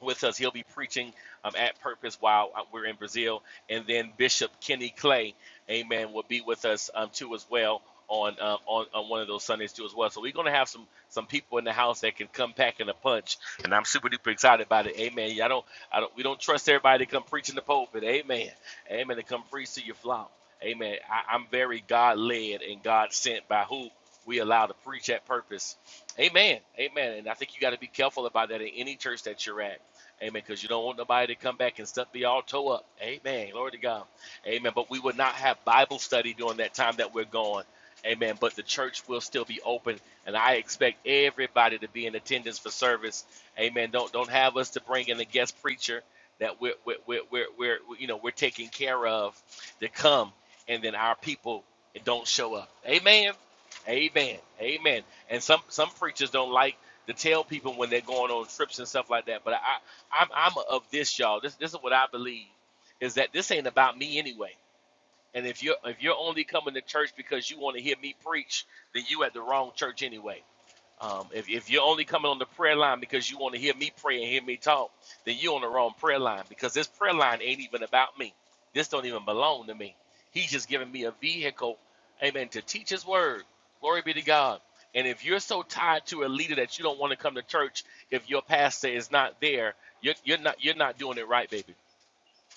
[SPEAKER 2] with us. He'll be preaching um, at Purpose while uh, we're in Brazil. And then Bishop Kenny Clay, amen, will be with us um, too as well on, uh, on on one of those Sundays too as well. So we're going to have some some people in the house that can come packing a punch. And I'm super duper excited about it. Amen. I don't, I don't, we don't trust everybody to come preach in the pulpit. Amen. Amen. To come preach to your flock. Amen. I, I'm very God led and God sent by who we allow to preach at purpose. Amen. Amen. And I think you got to be careful about that in any church that you're at. Amen. Because you don't want nobody to come back and stuff the altar up. Amen. Glory to God. Amen. But we would not have Bible study during that time that we're gone. Amen. But the church will still be open, and I expect everybody to be in attendance for service. Amen. Don't don't have us to bring in a guest preacher that we're we're we're, we're, we're you know we're taking care of to come, and then our people don't show up. Amen. Amen. Amen. And some some preachers don't like to tell people when they're going on trips and stuff like that. But I, I'm I'm of this, y'all. This this is what I believe is that this ain't about me anyway. And if you're if you're only coming to church because you want to hear me preach, then you at the wrong church anyway. Um, if, if you're only coming on the prayer line because you want to hear me pray and hear me talk, then you're on the wrong prayer line because this prayer line ain't even about me. This don't even belong to me. He's just giving me a vehicle, amen, to teach his word. Glory be to God. And if you're so tied to a leader that you don't want to come to church if your pastor is not there, you're, you're not you're not doing it right, baby.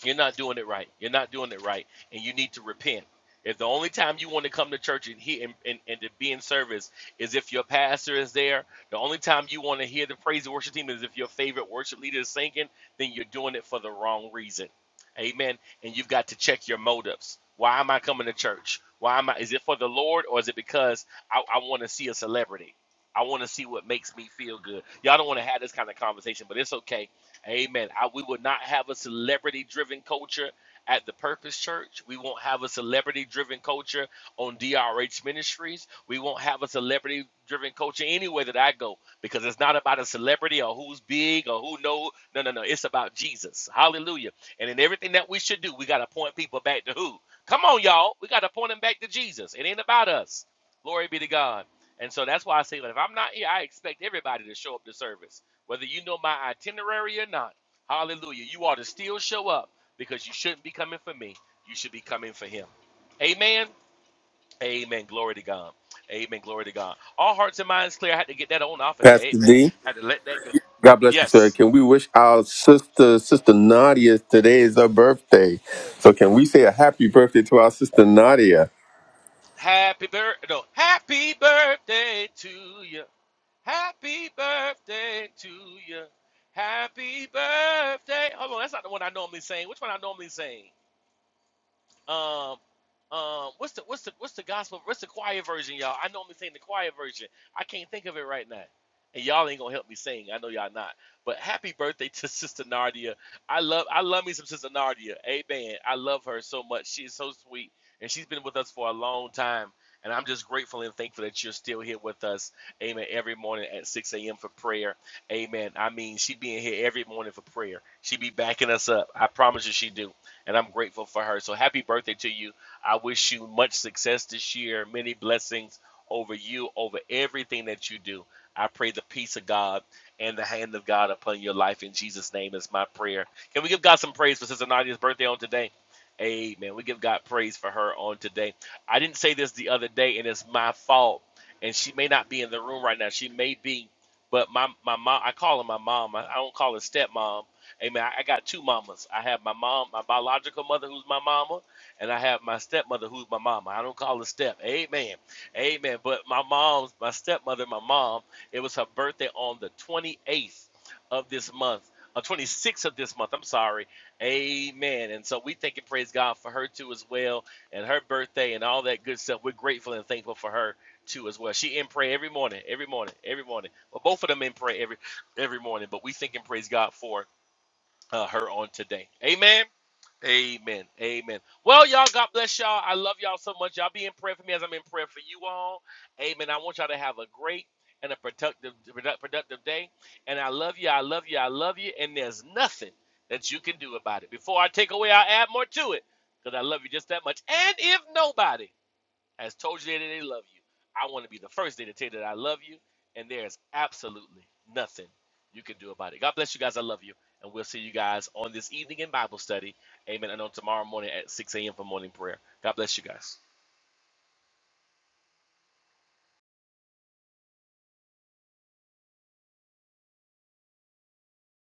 [SPEAKER 2] You're not doing it right. You're not doing it right, and you need to repent. If the only time you want to come to church and, hear, and, and, and to be in service is if your pastor is there, the only time you want to hear the praise and worship team is if your favorite worship leader is singing, then you're doing it for the wrong reason. Amen. And you've got to check your motives. Why am I coming to church? Why am I? Is it for the Lord or is it because I, I want to see a celebrity? I want to see what makes me feel good. Y'all don't want to have this kind of conversation, but it's okay Amen. I, we will not have a celebrity driven culture at the Purpose Church. We won't have a celebrity driven culture on DRH Ministries. We won't have a celebrity driven culture anywhere that I go because it's not about a celebrity or who's big or who knows. No, no, no. It's about Jesus. Hallelujah. And in everything that we should do, we got to point people back to who? Come on, y'all. We got to point them back to Jesus. It ain't about us. Glory be to God. And so that's why I say, that if I'm not here, I expect everybody to show up to service. Whether you know my itinerary or not, hallelujah, you ought to still show up because you shouldn't be coming for me. You should be coming for him. Amen. Amen. Glory to God. Amen. Glory to God. All hearts and minds clear. I had to get that on off of there.
[SPEAKER 1] Pastor
[SPEAKER 2] Amen.
[SPEAKER 1] D,
[SPEAKER 2] had to let that go.
[SPEAKER 1] God bless you, sir.
[SPEAKER 2] Yes.
[SPEAKER 1] Can we wish our sister, Sister Nadia, today is her birthday. So can we say a happy birthday to our sister Nadia?
[SPEAKER 2] Happy birth no. Happy birthday to you. Happy birthday to you. Happy birthday. Hold on, that's not the one I normally sing. Which one I normally sing? Um, um, what's the what's the what's the gospel? What's the quiet version, y'all? I normally sing the quiet version. I can't think of it right now, and y'all ain't gonna help me sing. I know y'all not. But happy birthday to <laughs> Sister Nardia. I love I love me some Sister Nardia. Amen. I love her so much. She is so sweet, and she's been with us for a long time. And I'm just grateful and thankful that you're still here with us. Amen. Every morning at 6 a.m. for prayer. Amen. I mean, she being here every morning for prayer. She be backing us up. I promise you, she do and I'm grateful for her. So happy birthday to you. I wish you much success this year, many blessings over you, over everything that you do. I pray the peace of God and the hand of God upon your life in Jesus' name is my prayer. Can we give God some praise for Sister Nadia's birthday on today? Amen. We give God praise for her on today. I didn't say this the other day, and it's my fault. And she may not be in the room right now. She may be, but my my mom. I call her my mom. I, I don't call her stepmom Amen. I, I got two mamas. I have my mom, my biological mother, who's my mama, and I have my stepmother, who's my mama. I don't call her step. Amen. Amen. But my mom's, my stepmother, my mom, it was her birthday on the 28th of this month. Uh, 26th of this month, I'm sorry. Amen. And so we thank and praise God for her too as well, and her birthday and all that good stuff. We're grateful and thankful for her too as well. She in prayer every morning, every morning, every morning. Well, both of them in prayer every every morning. But we thank and praise God for uh, her on today. Amen. Amen. Amen. Well, y'all, God bless y'all. I love y'all so much. Y'all be in prayer for me as I'm in prayer for you all. Amen. I want y'all to have a great and a productive, product- productive day. And I love you. I love you. I love you. And there's nothing that you can do about it. Before I take away, I'll add more to it because I love you just that much. And if nobody has told you that they love you. I want to be the first day to tell you that I love you, and there is absolutely nothing you can do about it. God bless you guys. I love you, and we'll see you guys on this evening in Bible study. Amen. And on tomorrow morning at 6 a.m. for morning prayer. God bless you guys.